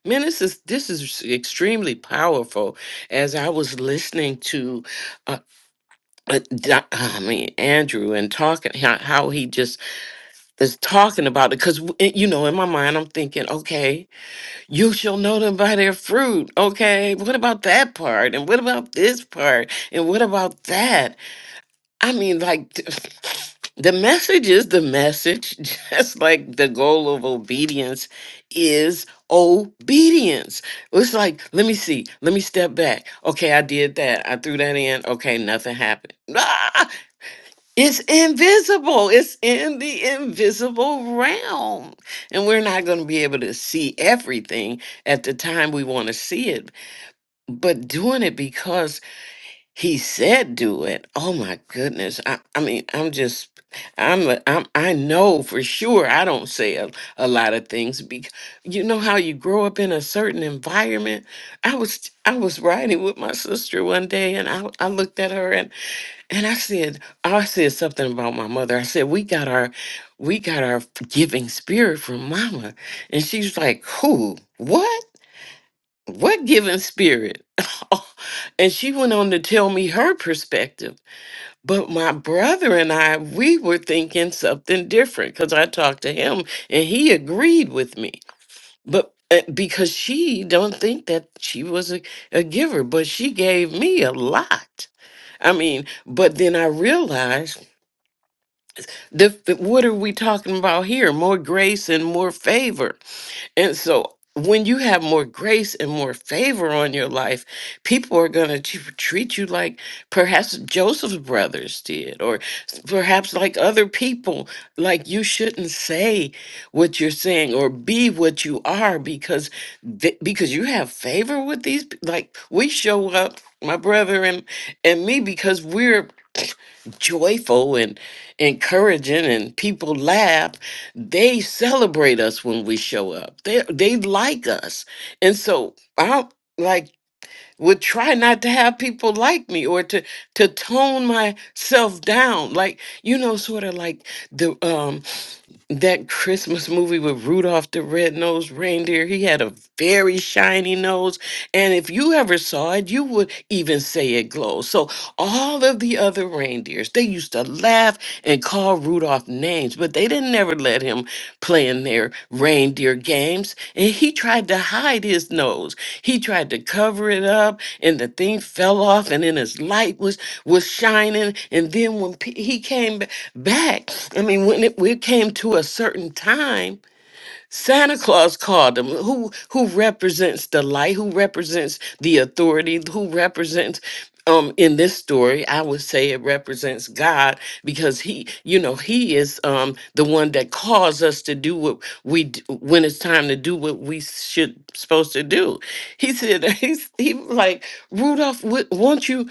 S2: Man, this is this is extremely powerful. As I was listening to uh, Doc- I mean, Andrew and talking how, how he just is talking about it because you know in my mind I'm thinking, okay, you shall know them by their fruit. Okay, what about that part? And what about this part? And what about that? I mean, like t- the message is the message, just like the goal of obedience is obedience. It's like, let me see, let me step back. Okay, I did that. I threw that in. Okay, nothing happened. It's invisible. It's in the invisible realm. And we're not going to be able to see everything at the time we want to see it. But doing it because he said do it. Oh my goodness. I, I mean, I'm just I'm, a, I'm I know for sure I don't say a, a lot of things because you know how you grow up in a certain environment. I was I was riding with my sister one day and I, I looked at her and I said, I said something about my mother. I said, we got our, we got our giving spirit from mama. And she's like, who? What? What giving spirit? and she went on to tell me her perspective. But my brother and I, we were thinking something different because I talked to him and he agreed with me. But uh, because she don't think that she was a, a giver, but she gave me a lot. I mean, but then I realized The, what are we talking about here? More grace and more favor. And so when you have more grace and more favor on your life, people are going to treat you like perhaps Joseph's brothers did, or s- perhaps like other people. Like you shouldn't say what you're saying or be what you are because th- because you have favor with these. pe- Like we show up, my brother and and me, because we're joyful and encouraging and people laugh they celebrate us when we show up they they like us and so i like would try not to have people like me or to to tone myself down like you know sort of like the um that Christmas movie with Rudolph the Red-Nosed Reindeer. He had a very shiny nose. And if you ever saw it, you would even say it glows. So all of the other reindeers, they used to laugh and call Rudolph names, but they didn't never let him playing their reindeer games. And he tried to hide his nose. He tried to cover it up, and the thing fell off, and then his light was was shining. And then when pe- he came b- back, I mean, when it, we came to a certain time Santa Claus called him, who who represents the light, who represents the authority, who represents um in this story, I would say it represents God because he, you know, he is um the one that calls us to do what we d- when it's time to do what we should supposed to do. He said he's he was like Rudolph, wh- won't you?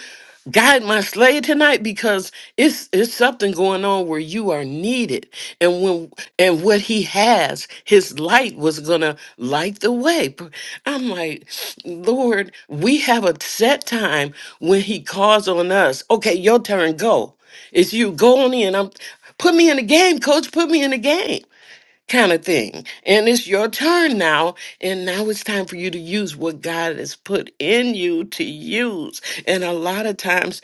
S2: guide my slave tonight because it's it's something going on where you are needed and when and what he has his light was gonna light the way P- i'm like lord we have a set time when he calls on us okay your turn go it's you go on in i'm put me in the game coach put me in the game kind of thing. And it's your turn now. And now it's time for you to use what God has put in you to use. And a lot of times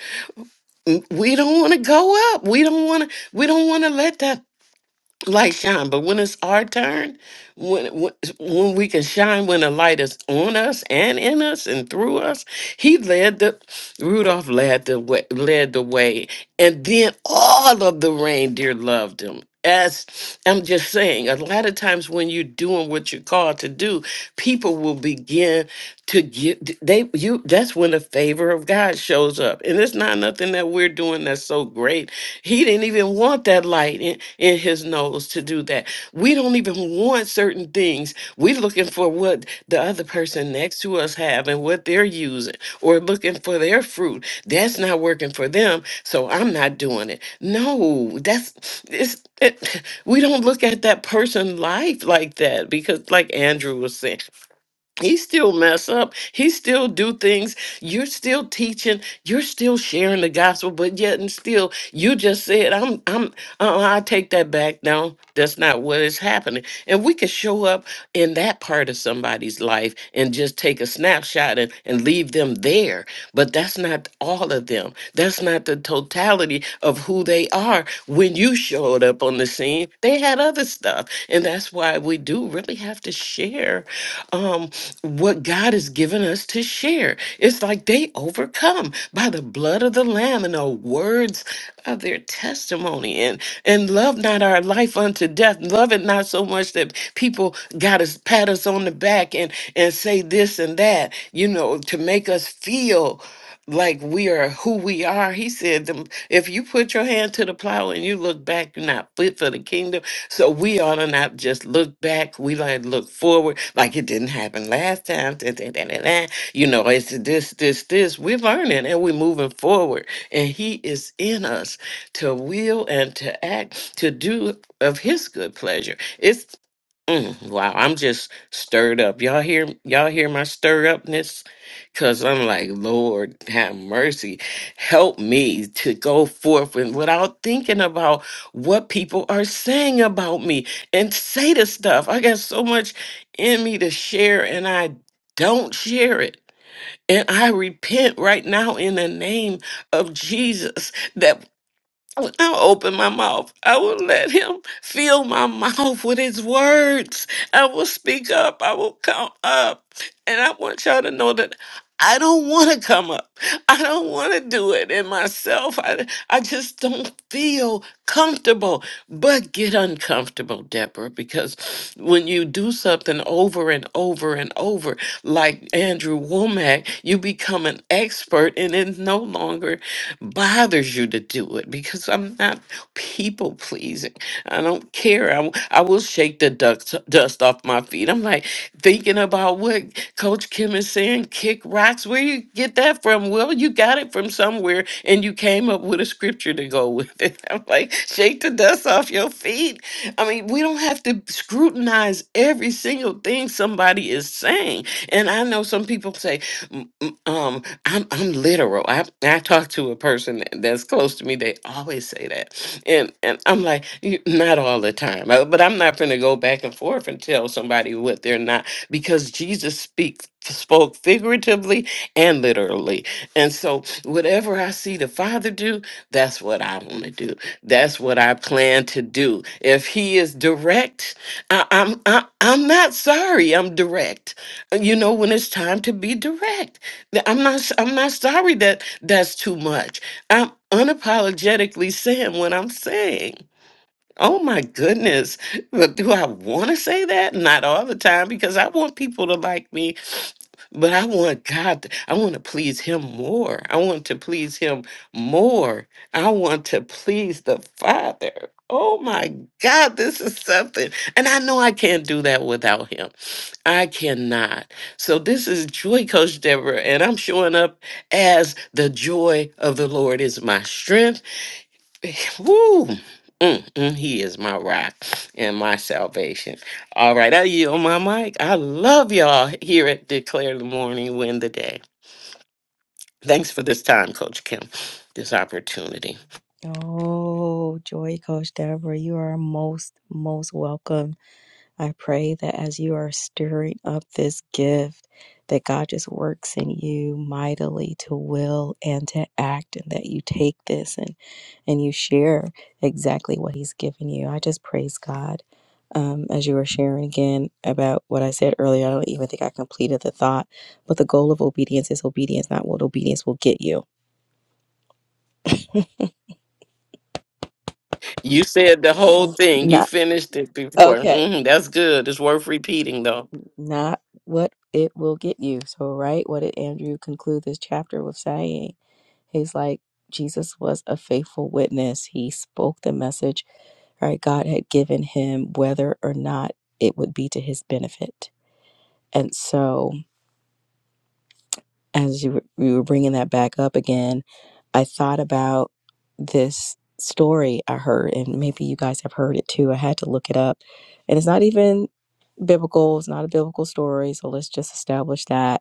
S2: mm, we don't want to go up. We don't want to, we don't want to let that light shine. But when it's our turn, when, when when we can shine when the light is on us and in us and through us, he led the Rudolph led the way led the way. And then all of the reindeer loved him. As I'm just saying, a lot of times when you're doing what you're called to do, people will begin to get they you that's when the favor of God shows up. And it's not nothing that we're doing that's so great. He didn't even want that light in, in his nose to do that. We don't even want certain things. We're looking for what the other person next to us have and what they're using or looking for their fruit. That's not working for them, so I'm not doing it. No, that's it's it, we don't look at that person life like that because like Andrew was saying he still mess up he still do things you're still teaching you're still sharing the gospel but yet and still you just said i'm i'm uh, i take that back no that's not what is happening and we can show up in that part of somebody's life and just take a snapshot and, and leave them there but that's not all of them. That's not the totality of who they are. When you showed up on the scene, they had other stuff. And that's why we do really have to share um, what God has given us to share. It's like they overcome by the blood blood of the Lamb and the words of their testimony and, and love not our life unto death. Love it not so much that people got to pat us on the back and, and say this and that, you know, to make us feel like we are who we are. He said, them, if you put your hand to the plow and you look back, you're not fit for the kingdom. So we ought to not just look back. We like look forward like it didn't happen last time. you know it's this this this we're learning and we're moving forward and he is in us to will and to act to do of his good pleasure it's mm, wow i'm just stirred up y'all hear y'all hear my stir upness because i'm like lord have mercy help me to go forth and without thinking about what people are saying about me and say the stuff i got so much in me to share and i don't share it and I repent right now in the name of Jesus that I'll open my mouth. I will let him fill my mouth with his words. I will speak up. I will come up. And I want y'all to know that I don't want to come up. I don't want to do it in myself. I, I just don't feel comfortable. But get uncomfortable, Deborah, because when you do something over and over and over, like Andrew Womack, you become an expert and it no longer bothers tells you to do it because I'm not people pleasing. I don't care. I, w- I will shake the dust, dust off my feet. I'm like thinking about what Coach Kim is saying kick rocks. Where you get that from? Well, you got it from somewhere and you came up with a scripture to go with it. I'm like, shake the dust off your feet. I mean, we don't have to scrutinize every single thing somebody is saying. And I know some people say, M- m- Um, I'm I'm literal. I I talk to a person that's close to me. They always say that, and and I'm like, "You- not all the time, Uh, but I'm not gonna go back and forth and tell somebody what they're not because Jesus speaks spoke figuratively and literally, and so whatever I see the Father do, that's what I want to do. That's what I plan to do. If He is direct, I, I'm I, I'm not sorry. I'm direct you know when it's time to be direct Th- i'm not s- i'm not sorry that that's too much i'm unapologetically saying what i'm saying oh my goodness but do i want to say that not all the time because i want people to like me but i want god to, i want to please him more i want to please him more i want to please the father oh my god this is something and i know i can't do that without him I cannot. So this is Joy Coach Deborah, and I'm showing up as the joy of the Lord is my strength. Woo! Mm, mm, he is my rock and my salvation. All right, I yield my mic. I love y'all here at Declare the Morning, Win the Day. Thanks for this time, Coach Kim, this opportunity.
S1: Oh, Joy Coach Deborah, you are most most welcome I pray that as you are stirring up this gift, that God just works in you mightily to will and to act, and that you take this and and you share exactly what He's given you. I just praise God um, as you were sharing again about what I said earlier. I don't even think I completed the thought, but the goal of obedience is obedience, not what obedience will get you.
S2: You said the whole thing. You
S1: Not
S2: finished it before.
S1: okay,
S2: Mhm, that's good. It's worth repeating, though.
S1: not what it will get you. So, right, what did Andrew conclude this chapter with saying? He's like, Jesus was a faithful witness. He spoke the message, right? God had given him whether or not it would be to his benefit. And so, as you were, you were bringing that back up again, I thought about this story I heard, and maybe you guys have heard it too. I had to look it up. And it's not even biblical, it's not a biblical story. So, let's just establish that,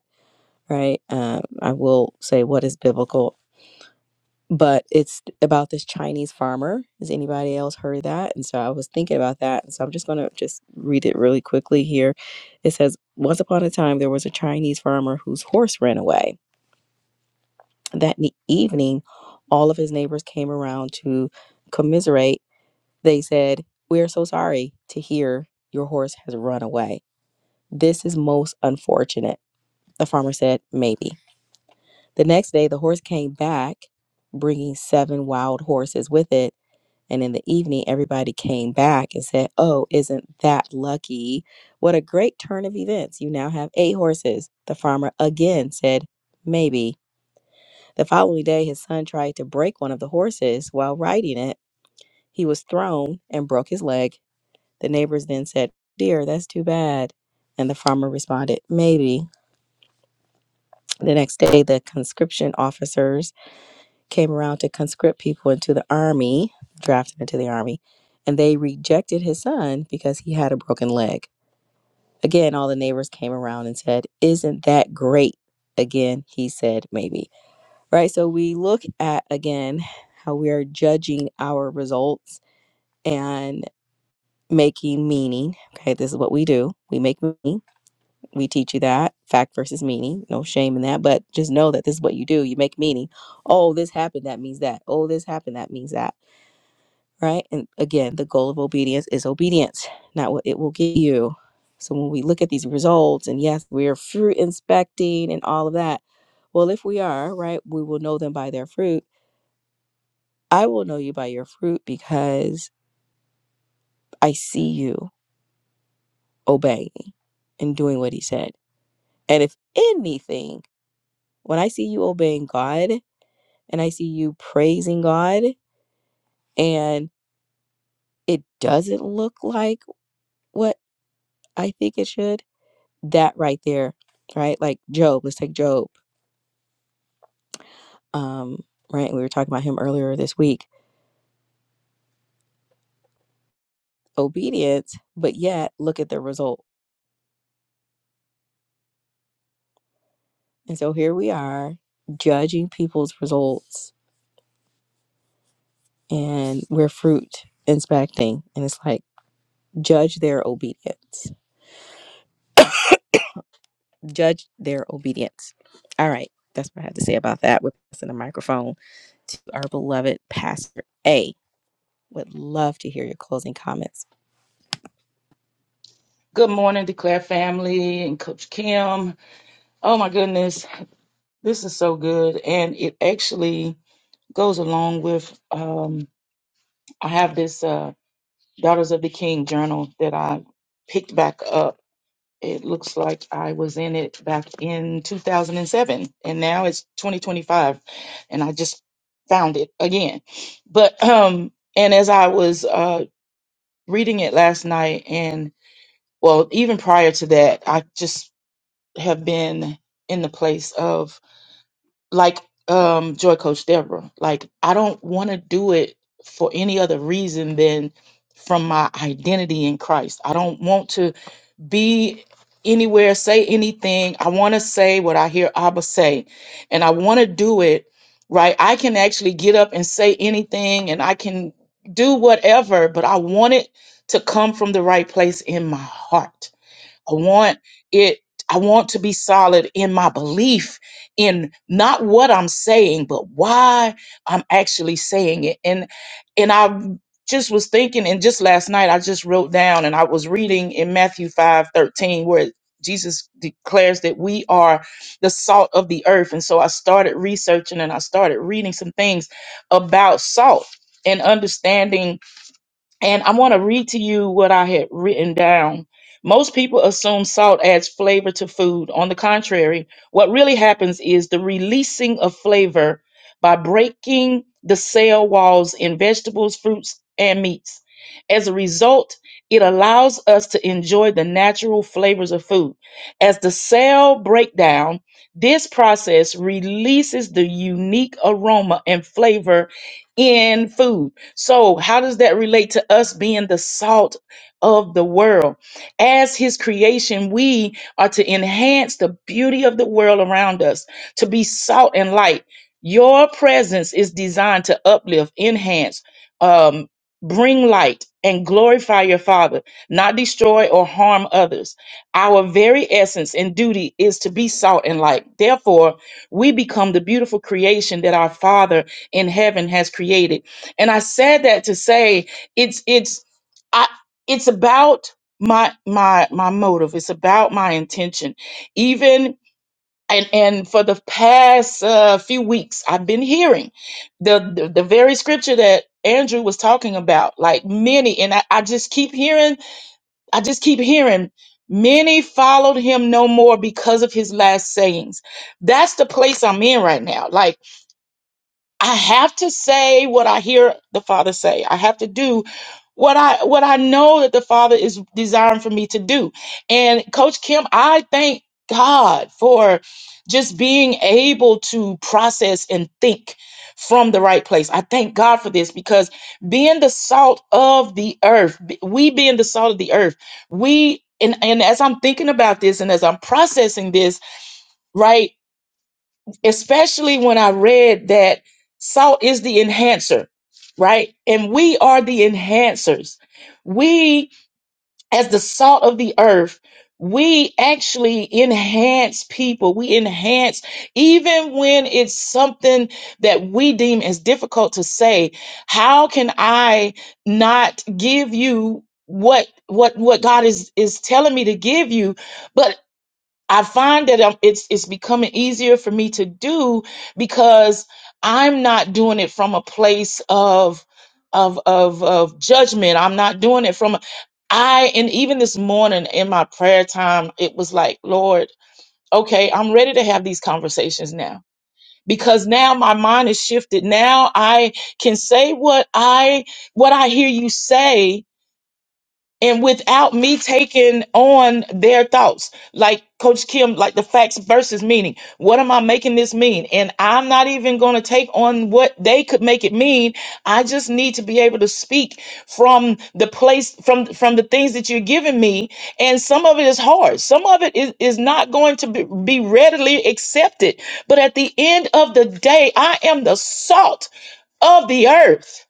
S1: right? Um, I will say what is biblical but it's about this Chinese farmer. Has anybody else heard that? And so I was thinking about that. And so I'm just going to just read it really quickly here. It says, Once upon a time, there was a Chinese farmer whose horse ran away. That ne- evening, all of his neighbors came around to commiserate. They said, 'We are so sorry to hear your horse has run away. This is most unfortunate. The farmer said, Maybe. The next day, the horse came back, bringing seven wild horses with it. And in the evening, everybody came back and said, Oh, isn't that lucky? What a great turn of events. You now have eight horses. The farmer again said, Maybe. The following day, his son tried to break one of the horses while riding it. He was thrown and broke his leg. The neighbors then said, Dear, that's too bad. And the farmer responded, Maybe. The next day, the conscription officers came around to conscript people into the army, drafted into the army, and they rejected his son because he had a broken leg. Again, all the neighbors came around and said, Isn't that great? Again, he said, Maybe. Right? So we look at again how we are judging our results and making meaning. Okay, this is what we do. We make meaning. We teach you that fact versus meaning. No shame in that, but just know that this is what you do. You make meaning. Oh, this happened. That means that. Oh, this happened. That means that right? And again, the goal of obedience is obedience, not what it will get you. So when we look at these results, and yes, we are fruit inspecting and all of that. Well, if we are, right, we will know them by their fruit. I will know you by your fruit because I see you obeying and doing what he said. And if anything, when I see you obeying God and I see you praising God and it doesn't look like what I think it should, that right there, right? Like Job, let's take Job, um, right? We were talking about him earlier this week. Obedience, but yet look at the result. And so here we are judging people's results and we're fruit inspecting. And it's like, judge their obedience, judge their obedience. All right. That's what I had to say about that. We're passing the microphone to our beloved Pastor A. Would love to hear your closing comments.
S3: Good morning, Declare family and Coach Kim. Oh my goodness, this is so good. And it actually goes along with um, I have this uh, Daughters of the King journal that I picked back up. It looks like I was in it back in 2007, and seven, and now it's 2025, and I just found it again. But, um, and as I was uh, reading it last night, and well, even prior to that, I just have been in the place of like um joy coach deborah like i don't want to do it for any other reason than from my identity in christ i don't want to be anywhere say anything i want to say what i hear abba say and i want to do it right i can actually get up and say anything and i can do whatever but i want it to come from the right place in my heart I want it I want to be solid in my belief in not what I'm saying, but why I'm actually saying it. And and I just was thinking and just last night I just wrote down and I was reading in Matthew 5 13, where Jesus declares that we are the salt of the earth. And so I started researching and I started reading some things about salt and understanding and I want to read to you what I had written down. Most people assume salt adds flavor to food. On the contrary, what really happens is the releasing of flavor by breaking the cell walls in vegetables, fruits, and meats. As a result, it allows us to enjoy the natural flavors of food. As the cell breakdown, this process releases the unique aroma and flavor in food. So, how does that relate to us being the salt of the world? As His creation, we are to enhance the beauty of the world around us, to be salt and light. Your presence is designed to uplift, enhance, um, bring light, and glorify your Father, not destroy or harm others. Our very essence and duty is to be salt and light. Therefore, we become the beautiful creation that our Father in heaven has created and I said that to say it's it's I it's about my my my motive. It's about my intention. Even and and for the past uh, few weeks, I've been hearing the, the the very scripture that Andrew was talking about. Like many, and I, I just keep hearing. I just keep hearing. Many followed him no more because of his last sayings. That's the place I'm in right now. Like I have to say what I hear the Father say. I have to do what I what I know that the Father is desiring for me to do. And Coach Kim, I thank God for just being able to process and think from the right place. I thank God for this because being the salt of the earth, b- we being the salt of the earth, we and, and as I'm thinking about this and as I'm processing this, right? especially when I read that salt is the enhancer, right? And we are the enhancers. We, as the salt of the earth, we actually enhance people. We enhance, even when it's something that we deem as difficult to say, how can I not give you what what what God is is telling me to give you But I find that um, it's it's becoming easier for me to do because I'm not doing it from a place of of of of judgment. I'm not doing it from a- I and even this morning in my prayer time, it was like, Lord, okay, I'm ready to have these conversations now. Because now my mind is shifted. Now I can say what I what I hear you say and without me taking on their thoughts like coach kim like the facts versus meaning what am i making this mean and i'm not even going to take on what they could make it mean i just need to be able to speak from the place from from the things that you're giving me and some of it is hard some of it is, is not going to be, be readily accepted but at the end of the day i am the salt of the earth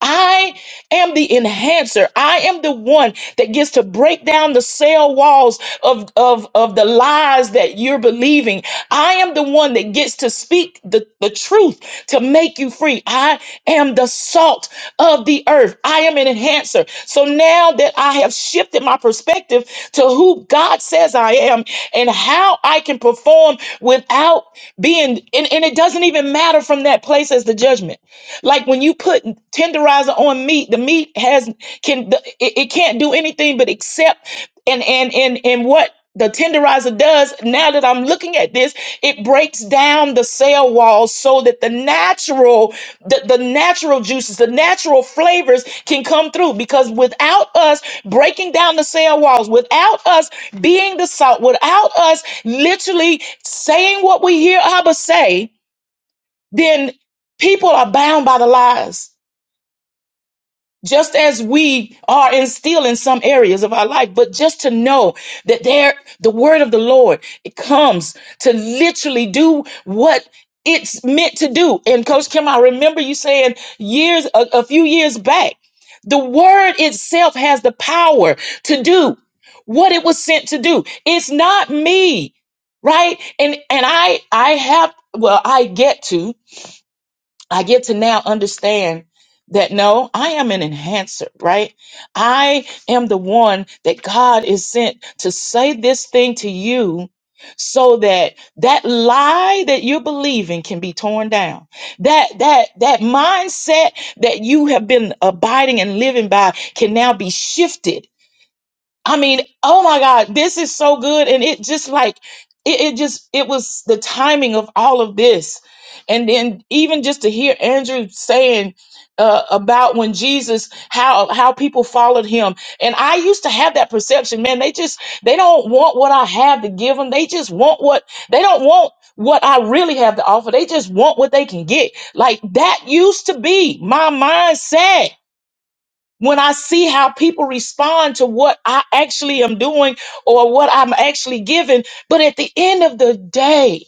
S3: I am the enhancer. I am the one that gets to break down the cell walls of, of, of the lies that you're believing. I am the one that gets to speak the, the truth to make you free. I am the salt of the earth. I am an enhancer. So now that I have shifted my perspective to who God says I am and how I can perform without being, and, and it doesn't even matter from that place as the judgment. Like when you put tenderizer on meat, the meat has can the, it, it can't do anything but accept and and and and what the tenderizer does now that I'm looking at this, it breaks down the cell walls so that the natural, the, the natural juices, the natural flavors can come through. Because without us breaking down the cell walls, without us being the salt, without us literally saying what we hear Abba say, then people are bound by the lies just as we are in still in some areas of our life but just to know that there the word of the lord it comes to literally do what it's meant to do and coach kim i remember you saying years a, a few years back the word itself has the power to do what it was sent to do it's not me right and and i i have well i get to I get to now understand that no, I am an enhancer, right? I am the one that God is sent to say this thing to you so that that lie that you're believing can be torn down that that that mindset that you have been abiding and living by can now be shifted I mean, oh my God, this is so good. And it just like, it, it just, it was the timing of all of this. And then even just to hear Andrew saying uh, about when Jesus, how, how people followed him. And I used to have that perception, man, they just, they don't want what I have to give them. They just want what, they don't want what I really have to offer. They just want what they can get. Like that used to be my mindset when I see how people respond to what I actually am doing or what I'm actually giving. But at the end of the day,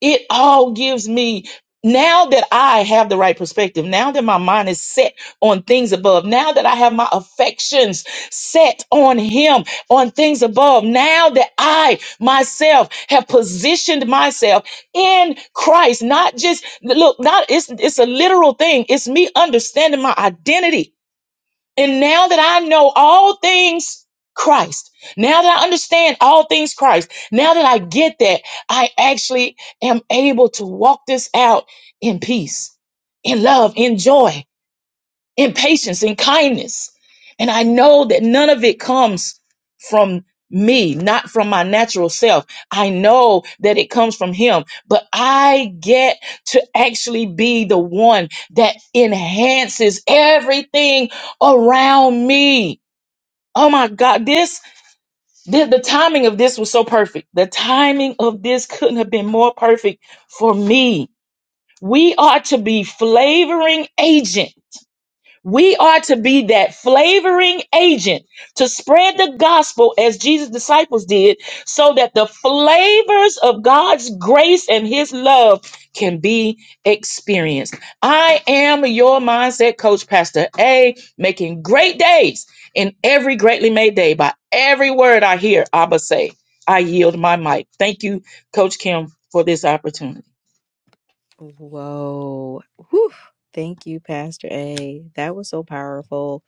S3: it all gives me now that I have the right perspective, now that my mind is set on things above, now that I have my affections set on Him, on things above, now that I myself have positioned myself in Christ, not just look, not it's it's a literal thing. It's me understanding my identity and now that I know all things Christ, now that I understand all things Christ, now that I get that, I actually am able to walk this out in peace, in love, in joy in patience and kindness. And I know that none of it comes from me, not from my natural self. I know that it comes from Him, but I get to actually be the one that enhances everything around me. Oh my God, this, the, the timing of this was so perfect. The timing of this couldn't have been more perfect for me. We are to be flavoring agents we are to be that flavoring agent to spread the gospel as Jesus' disciples did, so that the flavors of God's grace and his love can be experienced. I am your mindset coach, Pastor A, making great days in every greatly made day by every word I hear Abba say. I yield my mic. Thank you, Coach Kim, for this opportunity.
S1: Whoa. Whew. Thank you, Pastor A. That was so powerful.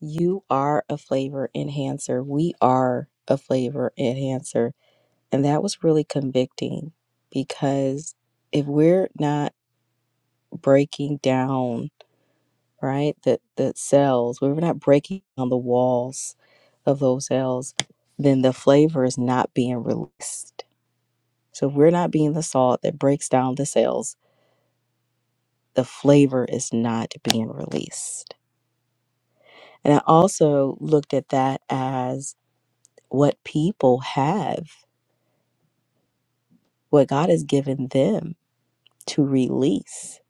S1: You are a flavor enhancer. We are a flavor enhancer. And that was really convicting because if we're not breaking down, right, the, the cells, we're not breaking down the walls of those cells, then the flavor is not being released. So if we're not being the salt that breaks down the cells the flavor is not being released. And I also looked at that as what people have, what God has given them to release,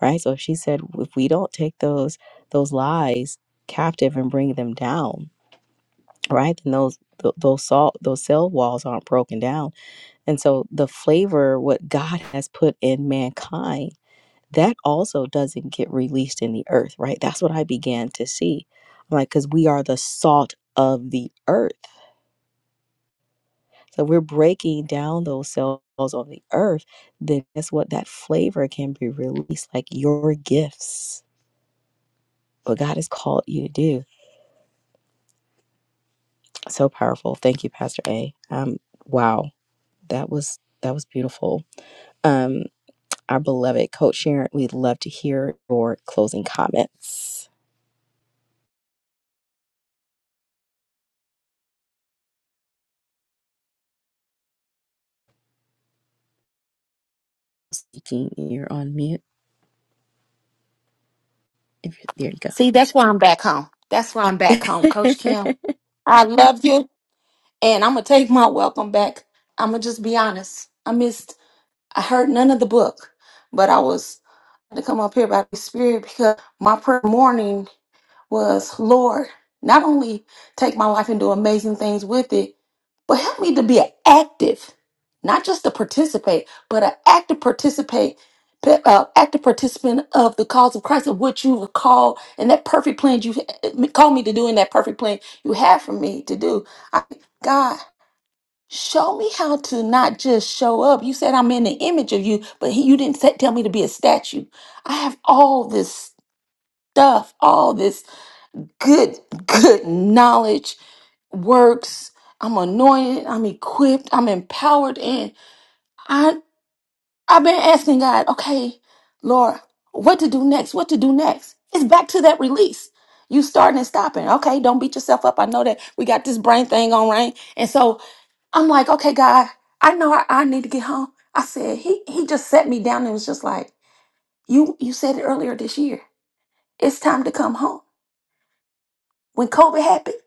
S1: right? So if she said if we don't take those those lies captive and bring them down, right? Then those th- those salt those cell walls aren't broken down. And so the flavor what God has put in mankind that also doesn't get released in the earth, right? That's what I began to see. I'm Like, because we are the salt of the earth. So we're breaking down those cells on the earth. Then guess what? That flavor can be released, like your gifts, what God has called you to do. So powerful. Thank you, Pastor A. Um, wow, that was that was beautiful. Um, our beloved Coach Sharon, we'd love to hear your closing comments. Speaking, you're on mute. If you, there you go.
S4: See, that's why I'm back home. That's why I'm back home, Coach Kim. I love you, and I'm gonna take my welcome back. I'm gonna just be honest. I missed. I heard none of the book, but I was to come up here by the Spirit because my prayer morning was, Lord, not only take my life and do amazing things with it, but help me to be an active, not just to participate, but an active participate, pa- uh, active participant of the cause of Christ, of what you have called and that perfect plan you ha- called me to do, and that perfect plan you have for me to do. I, God, show me how to not just show up. You said I'm in the image of you, but he, you didn't say, tell me to be a statue. I have all this stuff, all this good good knowledge works i'm anointed i'm equipped i'm empowered and i i've been asking god okay lord what to do next what to do next it's back to that release you starting and stopping okay don't beat yourself up i know that we got this brain thing on right and so i'm like okay god i know i, I need to get home i said he he just sat me down and was just like you you said it earlier this year it's time to come home When COVID happened,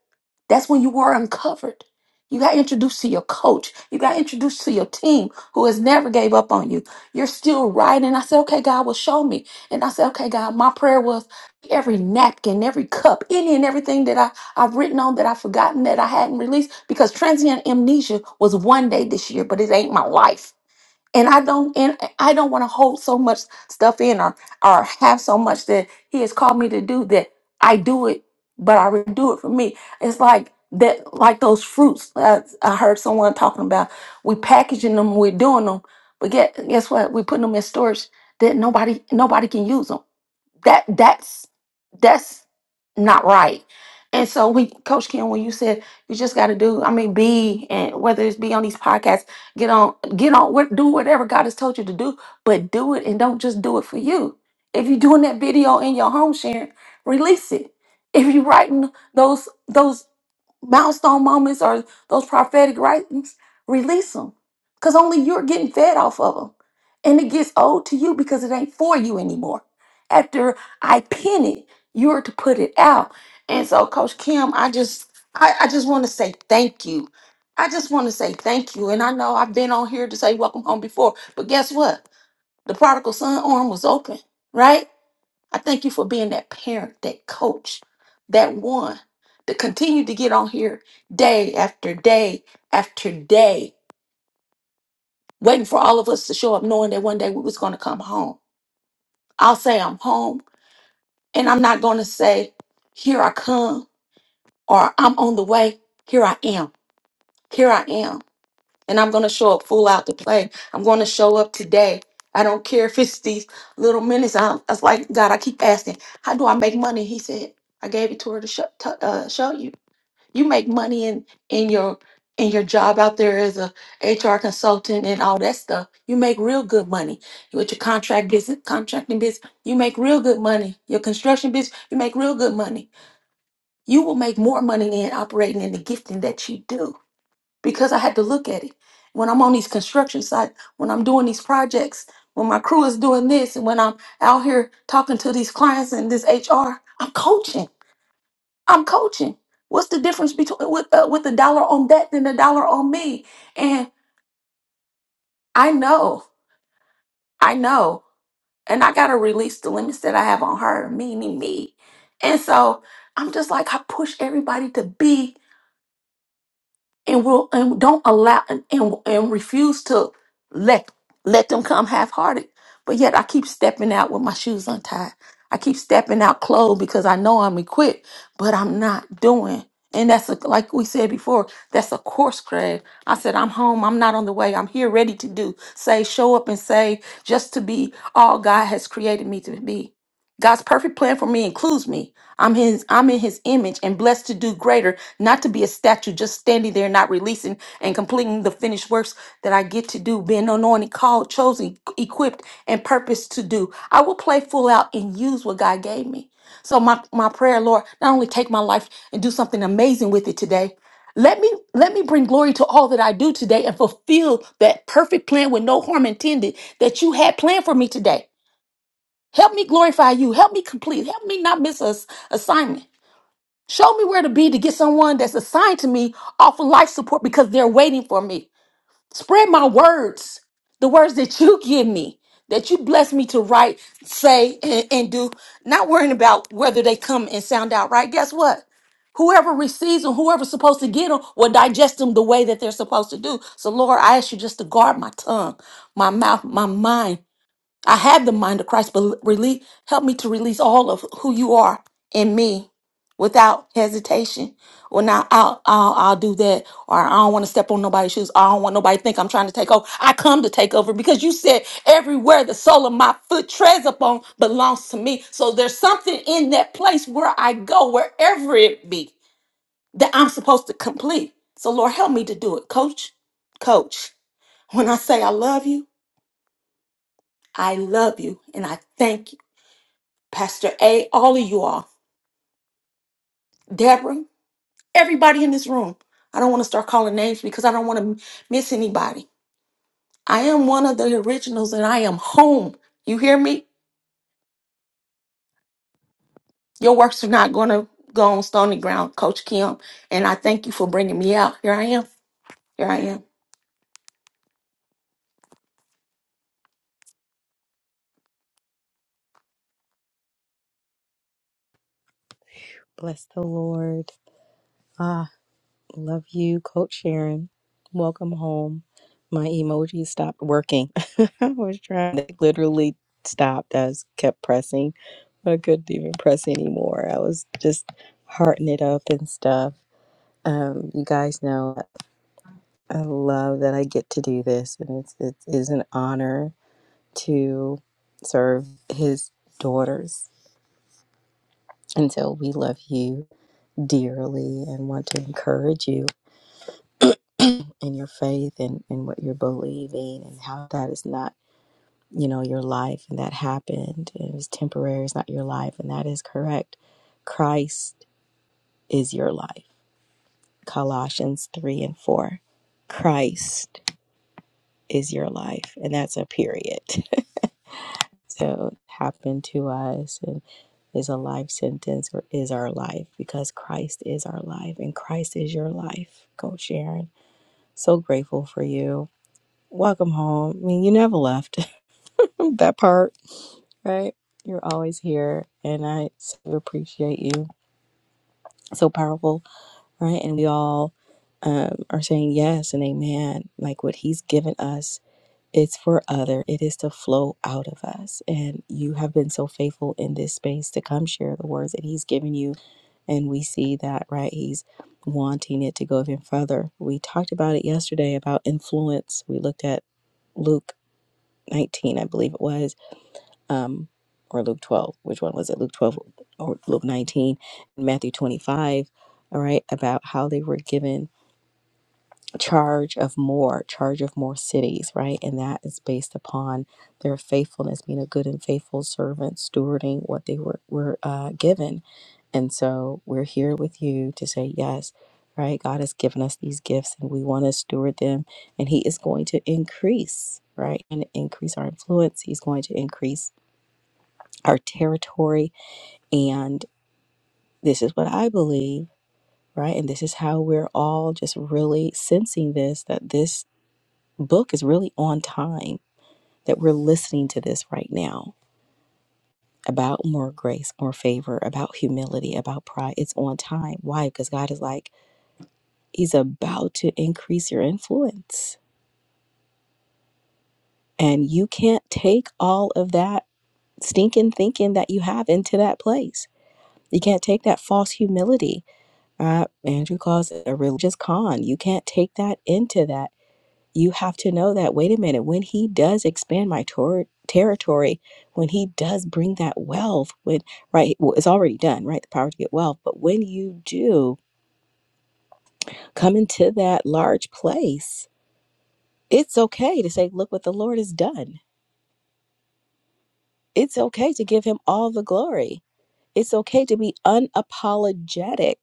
S4: that's when you were uncovered. You got introduced to your coach. You got introduced to your team who has never gave up on you. You're still writing. And I said, okay, God will show me. And I said, okay, God, my prayer was every napkin, every cup, any and everything that I, I've written on that I've forgotten that I hadn't released because transient amnesia was one day this year, but it ain't my life and I don't and I don't want to hold so much stuff in or or have so much that he has called me to do that I do it, but I really do it for me. It's like that, like those fruits. I, I heard someone talking about we packaging them, we're doing them, but get guess what? We putting them in storage that nobody nobody can use them that that's that's not right. And so we coach Kim when you said you just got to do I mean be and whether it's be on these podcasts get on get on what do whatever God has told you to do but do it and don't just do it for you. If you're doing that video in your home sharing, release it. If you're writing those those milestone moments or those prophetic writings, release them. Because only you're getting fed off of them. And it gets old to you because it ain't for you anymore. After I pin it, you're to put it out. And so, Coach Kim, I just I, I just want to say thank you. I just want to say thank you. And I know I've been on here to say welcome home before, but guess what? The prodigal son arm was open, right? I thank you for being that parent, that coach, that one to continue to get on here day after day after day, waiting for all of us to show up, knowing that one day we was going to come home. I'll say I'm home, and I'm not going to say, "Here I come," or "I'm on the way." Here I am. Here I am. and I'm going to show up full out to play. I'm going to show up today. I don't care if it's these little minutes. I, I was like, God, I keep asking, how do I make money? He said, I gave it to her to, show to uh, show you. You make money in in your in your job out there as a HR consultant and all that stuff. You make real good money with your contract business, contracting business. You make real good money. Your construction business, you make real good money. You will make more money than operating in the gifting that you do because I had to look at it. When I'm on these construction sites, when I'm doing these projects, when my crew is doing this, and when I'm out here talking to these clients and this HR, I'm coaching. I'm coaching. What's the difference between with uh, with a dollar on that than a dollar on me? And I know, I know, and I gotta release the limits that I have on her, me, me, me. And so I'm just like I push everybody to be and will and don't allow and, and and refuse to let let them come half-hearted but yet i keep stepping out with my shoes untied i keep stepping out clothed because i know i'm equipped but i'm not doing and that's a, like we said before that's a course grade i said i'm home i'm not on the way i'm here ready to do say show up and say just to be all god has created me to be God's perfect plan for me includes me. I'm his I'm in his image and blessed to do greater, not to be a statue just standing there not releasing and completing the finished works that I get to do, being anointed, called, chosen, equipped, and purposed to do. I will play full out and use what God gave me. So my, my prayer, Lord, not only take my life and do something amazing with it today. Let me let me bring glory to all that I do today and fulfill that perfect plan with no harm intended that you had planned for me today. Help me glorify you. Help me complete. Help me not miss a s- assignment. Show me where to be to get someone that's assigned to me off of life support because they're waiting for me. Spread my words, the words that you give me, that you bless me to write, say, and, and do. Not worrying about whether they come and sound out right. Guess what? Whoever receives them, whoever's supposed to get them, will digest them the way that they're supposed to do. So, Lord, I ask you just to guard my tongue, my mouth, my mind I have the mind of Christ, but release, help me to release all of who you are in me without hesitation. Well, now I'll, I'll, I'll do that. Or I don't want to step on nobody's shoes. I don't want nobody to think I'm trying to take over. I come to take over because you said everywhere the sole of my foot treads upon belongs to me. So there's something in that place where I go, wherever it be, that I'm supposed to complete. So Lord, help me to do it. Coach, coach, when I say I love you, I love you and I thank you. Pastor A, all of you all, Deborah, everybody in this room. I don't want to start calling names because I don't want to miss anybody. I am one of the originals and I am home. You hear me? Your works are not going to go on stony ground, Coach Kim. And I thank you for bringing me out. Here I am. Here I am.
S1: Bless the Lord. Ah, love you, Coach Sharon. Welcome home. My emoji stopped working. I was trying to literally stop. I was kept pressing, but I couldn't even press anymore. I was just hearting it up and stuff. Um, you guys know I love that I get to do this, and it's, it is an honor to serve His daughters. And so we love you dearly and want to encourage you and your faith and, and what you're believing and how that is not, you know, your life and that happened and it was temporary, it's not your life, and that is correct. Christ is your life. Colossians three and four. Christ is your life. And that's a period. so it happened to us and is a life sentence or is our life because Christ is our life and Christ is your life. Coach Sharon, so grateful for you. Welcome home. I mean, you never left. that part, right? You're always here, and I so appreciate you. So powerful, right? And we all um, are saying yes and amen. Like what He's given us, it's for other. It is to flow out of us. And you have been so faithful in this space to come share the words that He's given you and we see that right he's wanting it to go even further we talked about it yesterday about influence we looked at luke 19 i believe it was um, or Luke 12. Which one was it? Luke 12 or Luke 19, Matthew 25, all right, about how they were given charge of more, charge of more cities, right? And that is based upon their faithfulness, being a good and faithful servant, stewarding what they were, were uh, given. And so we're here with you to say, yes, right? God has given us these gifts and we want to steward them, and He is going to increase, right? And increase our influence. He's going to increase our territory. And this is what I believe, right? And this is how we're all just really sensing this that this book is really on time, that we're listening to this right now about more grace, more favor, about humility, about pride. It's on time. Why? Because God is like, He's about to increase your influence. And you can't take all of that stinking thinking that you have into that place. You can't take that false humility Uh, Andrew calls it a religious con. You can't take that into that. You have to know that, wait a minute, when he does expand my tor- territory, when he does bring that wealth, when, right, well, it's already done, right? The power to get wealth. But when you do come into that large place, it's okay to say, look what the Lord has done. It's okay to give him all the glory. It's okay to be unapologetic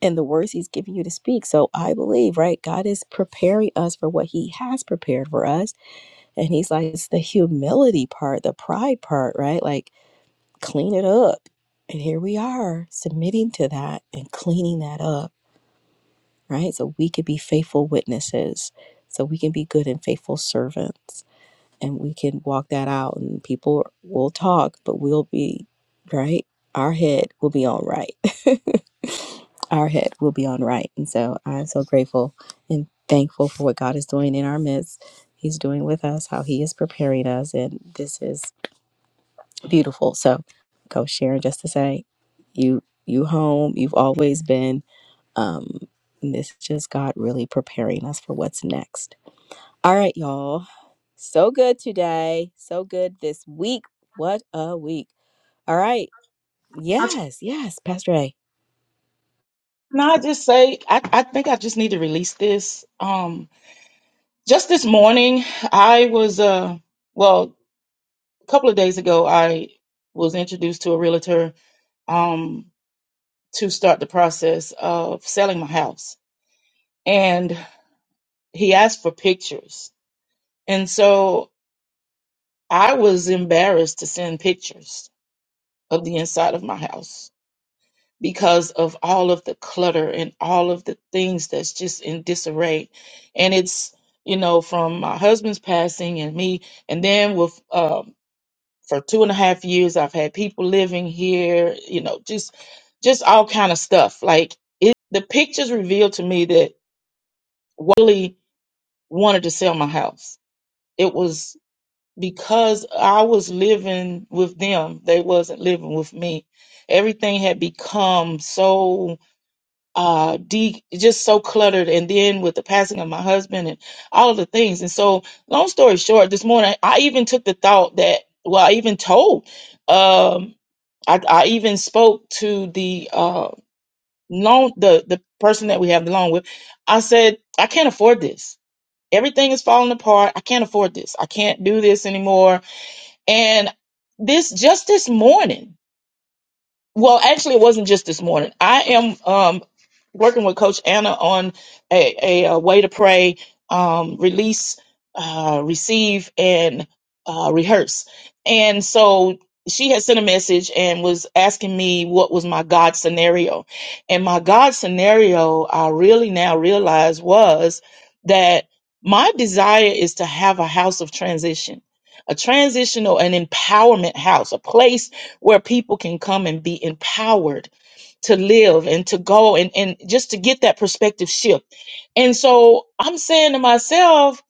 S1: and the words he's giving you to speak. So I believe, right? God is preparing us for what he has prepared for us. And he's like, it's the humility part, the pride part, right? Like, clean it up. And here we are submitting to that and cleaning that up, right? So we can be faithful witnesses. So we can be good and faithful servants. And we can walk that out. And people will talk, but we'll be, right? Our head will be on right. our head will be on right. And so I'm so grateful and thankful for what God is doing in our midst. He's doing with us, how He is preparing us, and this is beautiful. So, Coach Sharon, just to say, you you home. You've always been. Um, and this is just God really preparing us for what's next. All right, y'all. So good today. So good this week. What a week. All right. Yes, yes, Pastor A.
S3: Can I just say, I, I think I just need to release this. Um, just this morning, I was, uh, well, a couple of days ago, I was introduced to a realtor um, to start the process of selling my house. And he asked for pictures. And so I was embarrassed to send pictures of the inside of my house because of all of the clutter and all of the things that's just in disarray. And it's, you know, from my husband's passing and me. And then with, um, for two and a half years, I've had people living here, you know, just, just all kind of stuff. Like it, the pictures revealed to me that Wally wanted to sell my house. It was because I was living with them, they wasn't living with me. Everything had become so uh de- just so cluttered and then with the passing of my husband and all of the things. And so long story short, this morning I even took the thought that well, I even told um I, I even spoke to the uh loan the the person that we have the loan with. I said, I can't afford this. Everything is falling apart. I can't afford this. I can't do this anymore and this just this morning, well, actually, it wasn't just this morning. I am um, working with Coach Anna on a, a, uh way to pray, um, release, uh, receive, and uh, rehearse. And so she had sent a message and was asking me what was my God scenario. And my God scenario, I really now realize was that my desire is to have a house of transition, a transitional, an empowerment house, a place where people can come and be empowered to live and to go and, and just to get that perspective shift. And so I'm saying to myself,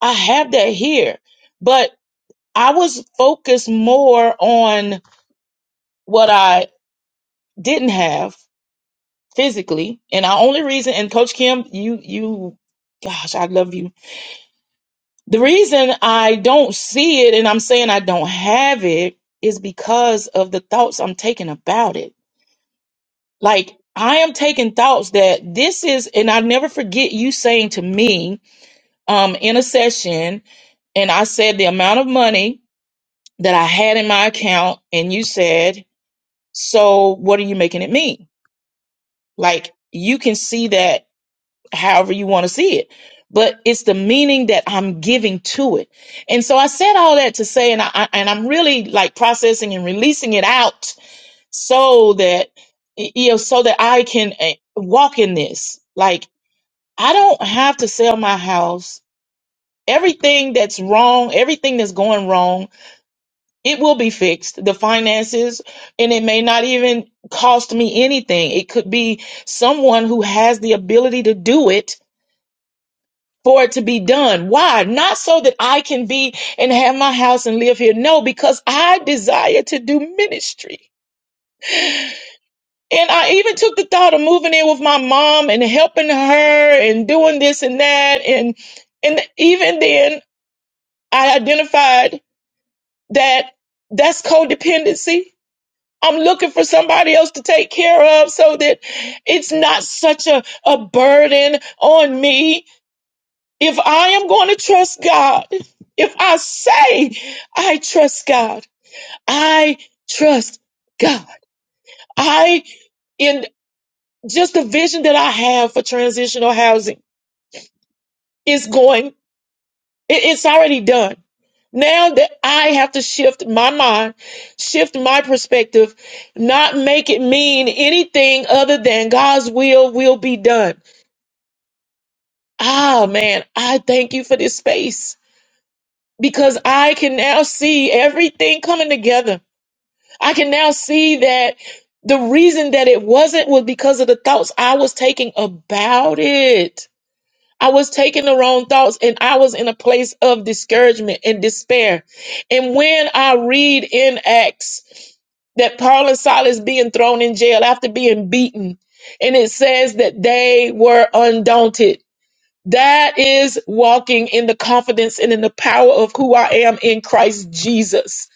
S3: I have that here, but I was focused more on what I didn't have physically. And our only reason, and Coach Kim, you, you, gosh, I love you. The reason I don't see it and I'm saying I don't have it is because of the thoughts I'm taking about it Like I am taking thoughts that this is, and I never forget you saying to me um, in a session, and I said the amount of money that I had in my account, and you said, "So what are you making it mean?" Like you can see that however you want to see it, but it's the meaning that I'm giving to it. And so I said all that to say, and I I- and I'm really like processing and releasing it out so that you know so that I can eh, walk in this like I don't have to sell my house. Everything that's wrong, everything that's going wrong, it will be fixed. The finances, and it may not even cost me anything. It could be someone who has the ability to do it for it to be done. Why? Not so that I can be and have my house and live here. No, because I desire to do ministry. And I even took the thought of moving in with my mom and helping her and doing this and that and and even then I identified that that's codependency. I'm looking for somebody else to take care of so that it's not such a, a burden on me. If I am going to trust God, if I say I trust God, I trust God. I, in just the vision that I have for transitional housing is going It- it's already done. Now that I have to shift my mind, shift my perspective, not make it mean anything other than God's will will be done. Ah, man, I thank you for this space because I can now see everything coming together. I can now see that the reason that it wasn't was because of the thoughts I was taking about it. I was taking the wrong thoughts and I was in a place of discouragement and despair. And when I read in Acts that Paul and Silas being thrown in jail after being beaten, and it says that they were undaunted. That is walking in the confidence and in the power of who I am in Christ Jesus.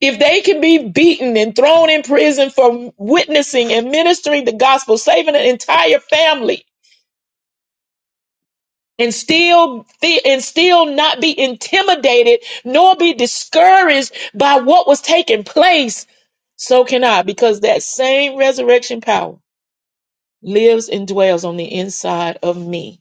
S3: If they can be beaten and thrown in prison for witnessing and ministering the gospel, saving an entire family, and still and still not be intimidated nor be discouraged by what was taking place so can i because that same resurrection power lives and dwells on the inside of me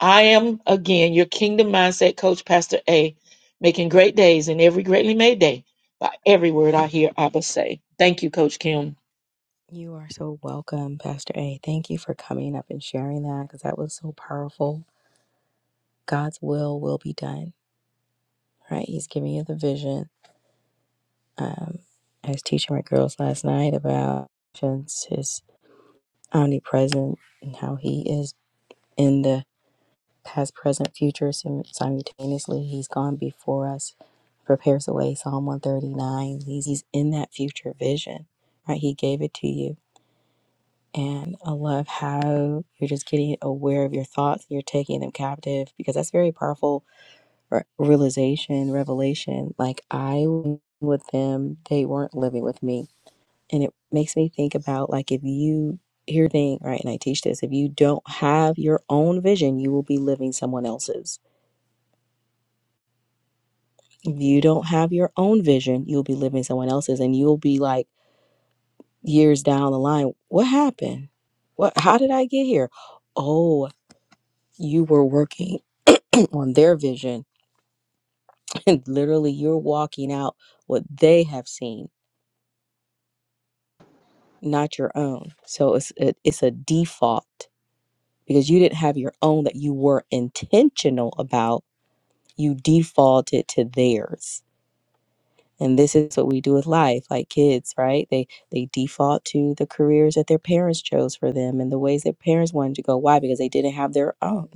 S3: I am again your kingdom mindset coach, Pastor A, making great days and every greatly made day by every word I hear Abba say. Thank you, Coach Kim.
S1: You are so welcome, Pastor A. Thank you for coming up and sharing that because that was so powerful. God's will will be done, right? He's giving you the vision. Um, I was teaching my girls last night about visions, his omnipresent and how he is in the past, present, future sim- simultaneously. He's gone before us, prepares the way. Psalm 139. He's, he's in that future vision, right? He gave it to you And I love how you're just getting aware of your thoughts, you're taking them captive because that's very powerful re- realization, revelation. Like I was with them, they weren't living with me. And it makes me think about like if you hear thing, right, and I teach this, if you don't have your own vision, you will be living someone else's. If you don't have your own vision, you'll be living someone else's and you'll be like years down the line, what happened? What how did I get here? Oh, you were working on their vision and literally you're walking out what they have seen not your own so it's it, it's a default because you didn't have your own that you were intentional about you defaulted to theirs and this is what we do with life like kids right they they default to the careers that their parents chose for them and the ways their parents wanted to go why because they didn't have their own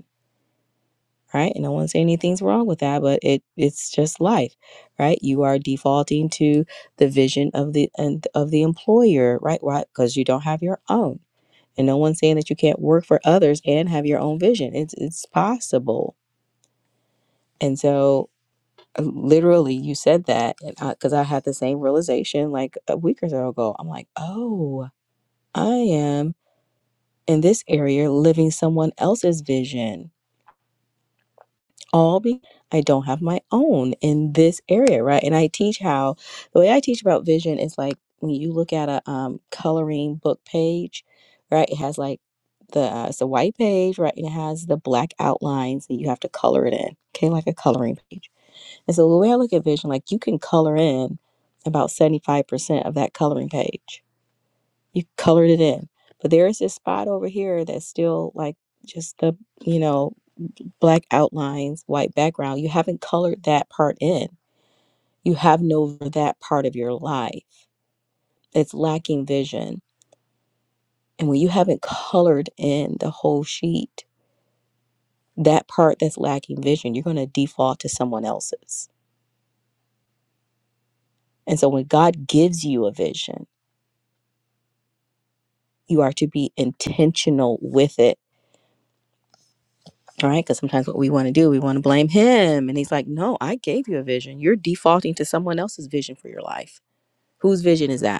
S1: right? And I wouldn't say anything's wrong with that, but it it's just life, right? You are defaulting to the vision of the and of the employer, right? Why? because you don't have your own. And no one's saying that you can't work for others and have your own vision. It's it's possible. And so uh, literally you said that and I, cuz I had the same realization like a week or so ago. I'm like, "Oh, I am in this area living someone else's vision." all because I don't have my own in this area, right? And I teach how the way I teach about vision is like when you look at a um, coloring book page, right? It has like the uh, it's a white page, right? And it has the black outlines that you have to color it in, okay, like a coloring page. And so the way I look at vision, like you can color in about seventy five percent of that coloring page. You colored it in, but there is this spot over here that's still like just the you know black outlines, white background, you haven't colored that part in. You haven't over that part of your life. It's lacking vision. And when you haven't colored in the whole sheet, that part that's lacking vision, you're going to default to someone else's. And so when God gives you a vision, you are to be intentional with it. All right. Because sometimes what we want to do, we want to blame him. And he's like, no, I gave you a vision. You're defaulting to someone else's vision for your life. Whose vision is that?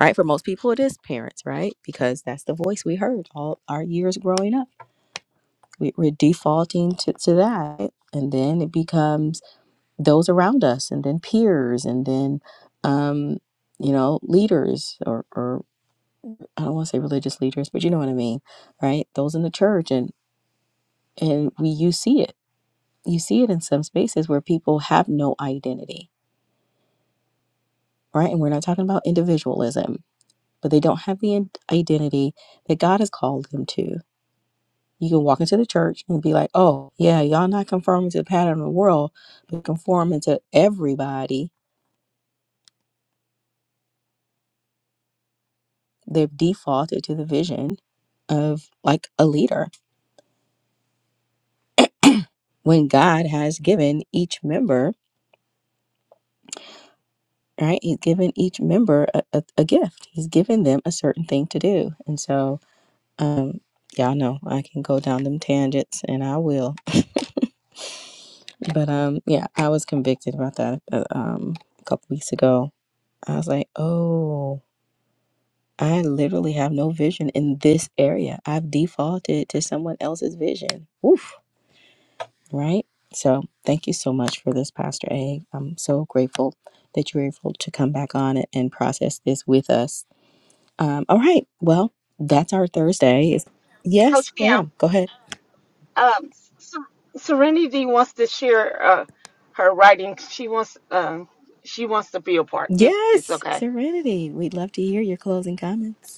S1: right? For most people, it is parents, right? Because that's the voice we heard all our years growing up. We, we're defaulting to, to that. And then it becomes those around us, and then peers, and then, um, you know, leaders, or, or I don't want to say religious leaders, but you know what I mean, right? Those in the church. And, and we, you see it. You see it in some spaces where people have no identity, right? And we're not talking about individualism, but they don't have the in- identity that God has called them to You can walk into the church and be like, oh, yeah, y'all not conforming to the pattern of the world, but conforming to everybody. They've defaulted to the vision of like a leader when God has given each member, right? He's given each member a, a, a gift, He's given them a certain thing to do. And so, um, y'all know I can go down them tangents and I will. But um, yeah, I was convicted about that uh, um, a couple weeks ago. I was like, oh. I literally have no vision in this area. I've defaulted to someone else's vision. Oof, right? So thank you so much for this, Pastor A. I'm so grateful that you were able to come back on it and process this with us. Um, all right. Well, that's our Thursday. It's- Yes, ma'am. Go ahead. Yes, Serenity. We'd love to hear your closing comments.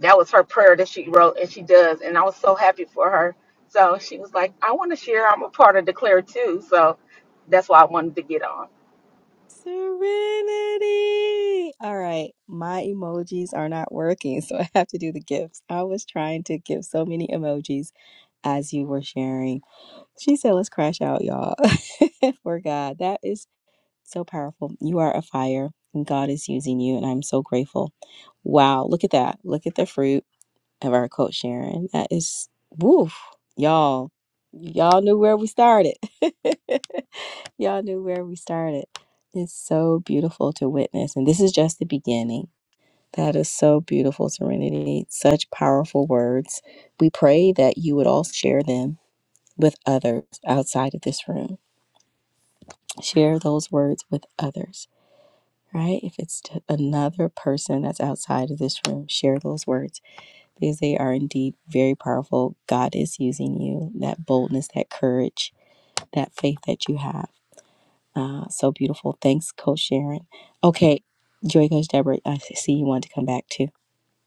S4: That was her prayer that she wrote, and she does. And I was so happy for her. So she was like, I want to share. I'm a part of Declare too. So that's why I wanted to get on.
S1: Serenity. All right, my emojis are not working, so I have to do the gifts. I was trying to give so many emojis as you were sharing. She said, Let's crash out, y'all. For God, that is so powerful. You are a fire, and God is using you, and I'm so grateful. Wow, look at that. Look at the fruit of our coach Sharon. That is, woof, y'all. Y'all knew where we started. Y'all knew where we started. It's so beautiful to witness. And this is just the beginning. That is so beautiful, Serenity. Such powerful words. We pray that you would all share them with others outside of this room. Share those words with others, right? If it's to another person that's outside of this room, share those words because they are indeed very powerful. God is using you, that boldness, that courage, that faith that you have. Uh, so beautiful. Thanks, Coach Sharon. Okay, Joy Coach Deborah, I see you wanted to come back too.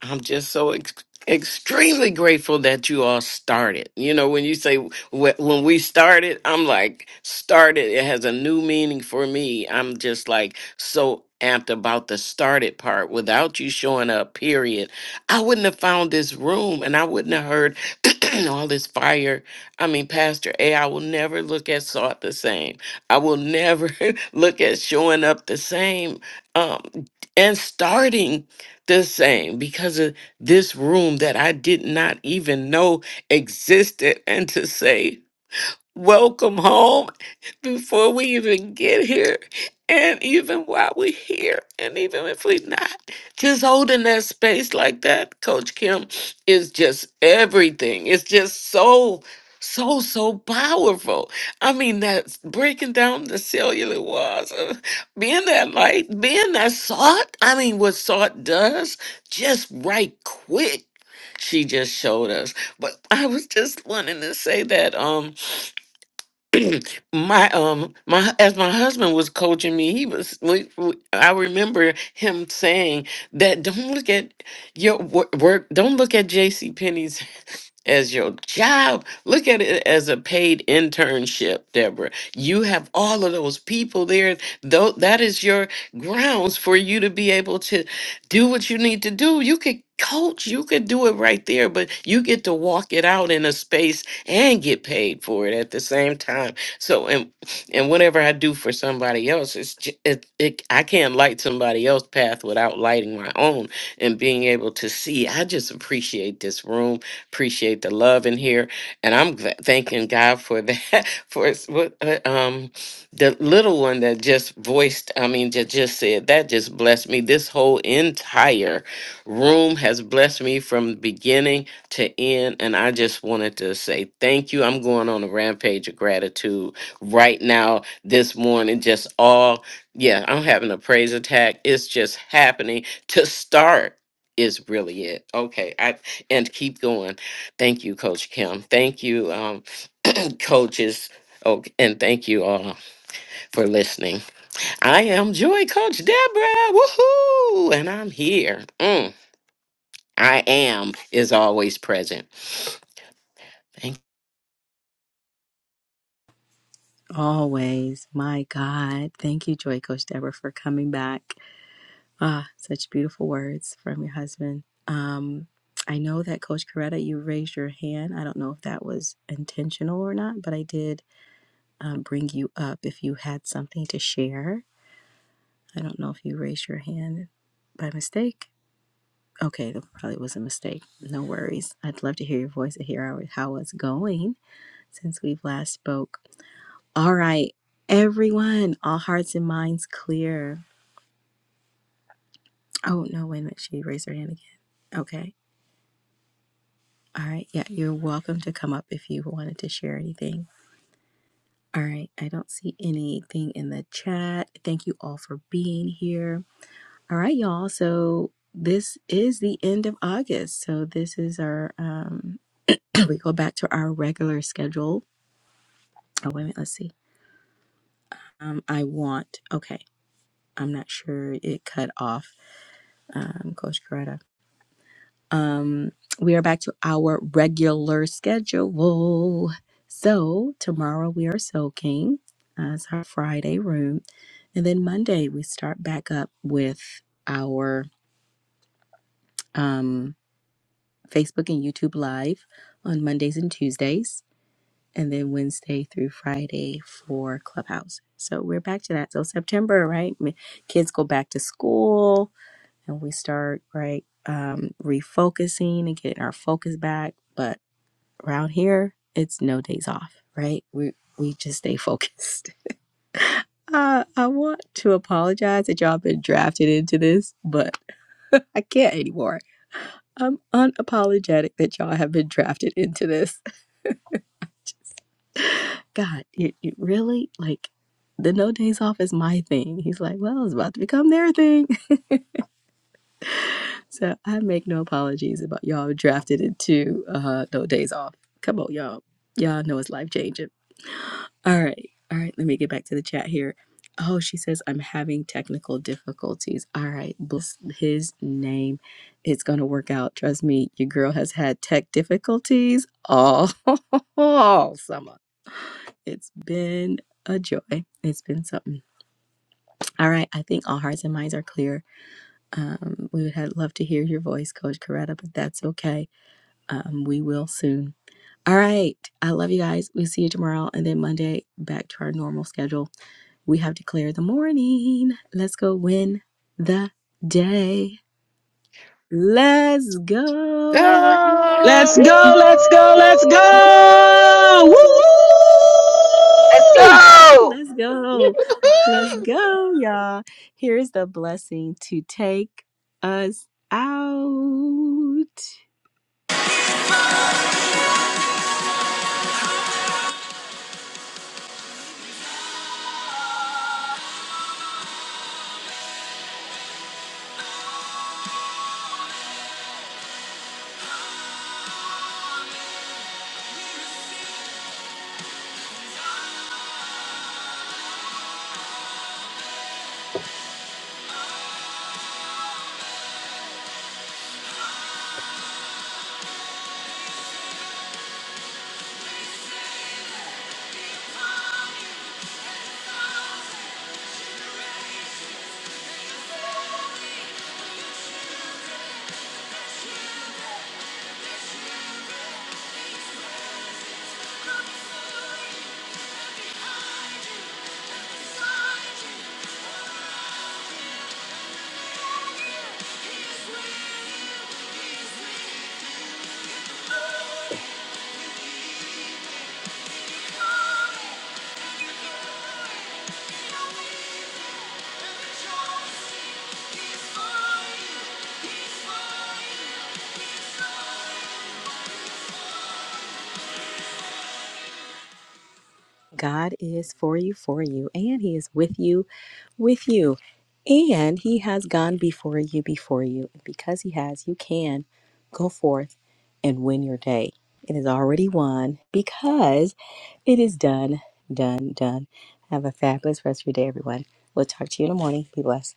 S2: I'm just so ex- extremely grateful that you all started. You know, when you say wh- when we started, I'm like started. It has a new meaning for me. I'm just like so amped about the started part. Without you showing up, period, I wouldn't have found this room, and I wouldn't have heard all this fire. I mean, Pastor A, I will never look at salt the same. I will never look at showing up the same. Um, and starting the same because of this room that I did not even know existed. And to say, welcome home before we even get here. And even while we're here, and even if we're not, just holding that space like that, Coach Kim, is just everything. It's just so, so, so powerful. I mean, that's breaking down the cellular walls, uh, being that light, being that salt. I mean, what salt does, just right quick. She just showed us. But I was just wanting to say that. Um, my um my as my husband was coaching me he was we, we- i remember him saying that don't look at your wor- work don't look at jc as your job. Look at it as a paid internship, Deborah. You have all of those people there. Though that is your grounds for you to be able to do what you need to do. You could coach, you could do it right there, but you get to walk it out in a space and get paid for it at the same time. So and and whatever I do for somebody else, it's j- it, it I can't light somebody else's path without lighting my own and being able to see. I just appreciate this room. Appreciate the love in here, and I'm gl- thanking God for that. For his- what, uh, um, the little one that just voiced, I mean, that just said that just blessed me. This whole entire room has blessed me from beginning to end, and I just wanted to say thank you. I'm going on a rampage of gratitude right now this morning. Just all, yeah, I'm having a praise attack. It's just happening to start is really it. Okay. I and keep going. Thank you, Coach Kim. Thank you, um, coaches. Oh, and thank you all for listening. I am Joy Coach Deborah. Woohoo! And I'm here. Mm, I am is always present. Thank
S1: Always. My God. Thank you, Joy Coach Deborah, for coming back. Ah, such beautiful words from your husband. Um, I know that Coach Coretta, you raised your hand. I don't know if that was intentional or not, but I did um, bring you up if you had something to share. I don't know if you raised your hand by mistake. Okay, that probably was a mistake. No worries. I'd love to hear your voice and hear how, how it's going since we've last spoke. All right, everyone, all hearts and minds clear. Oh, no, wait a minute. She raised her hand again. Okay. All right. Yeah, you're welcome to come up if you wanted to share anything. All right. I don't see anything in the chat. Thank you all for being here. All right, y'all. So this is the end of August. So this is our, um, we go back to our regular schedule Oh, wait a minute. Let's see. Um, I want. Okay. I'm not sure it cut off. Um, Coach Coretta. Um, we are back to our regular schedule. So tomorrow we are soaking. Uh, it's our Friday room, and then Monday we start back up with our um Facebook and YouTube live on Mondays and Tuesdays. and then Wednesday through Friday for Clubhouse. So we're back to that. So September, right? m- Kids go back to school and we start, right, um, refocusing and getting our focus back. But around here, it's no days off, right? We we just stay focused. Uh, I want to apologize that y'all been drafted into this, but I can't anymore. I'm unapologetic that y'all have been drafted into this. God, you, you really like the no days off is my thing. He's like, well, it's about to become their thing. So I make no apologies about y'all drafted into uh, no days off. Come on, y'all. Y'all know it's life changing. All right. All right. Let me get back to the chat here. Oh, she says, I'm having technical difficulties. All right. Bless his name. It's going to work out. Trust me, your girl has had tech difficulties all, all summer. It's been a joy. It's been something. All right. I think all hearts and minds are clear. Um, we would have love to hear your voice, Coach Coretta, but that's okay. Um, we will soon. All right. I love you guys. We'll see you tomorrow and then Monday back to our normal schedule. We have declared the morning. Let's go win the day. Let's go. Woo!
S3: Let's go,
S2: you.
S3: let's go, let's go! Woo
S4: Let's
S3: woo!
S4: go.
S1: Let's go. Let's go, y'all. Here is the blessing to take us out. God is for you, for you, and He is with you, with you. And He has gone before you, before you. And because He has, you can go forth and win your day. It is already won because it is done, done, done. Have a fabulous rest of your day, everyone. We'll talk to you in the morning. Be blessed.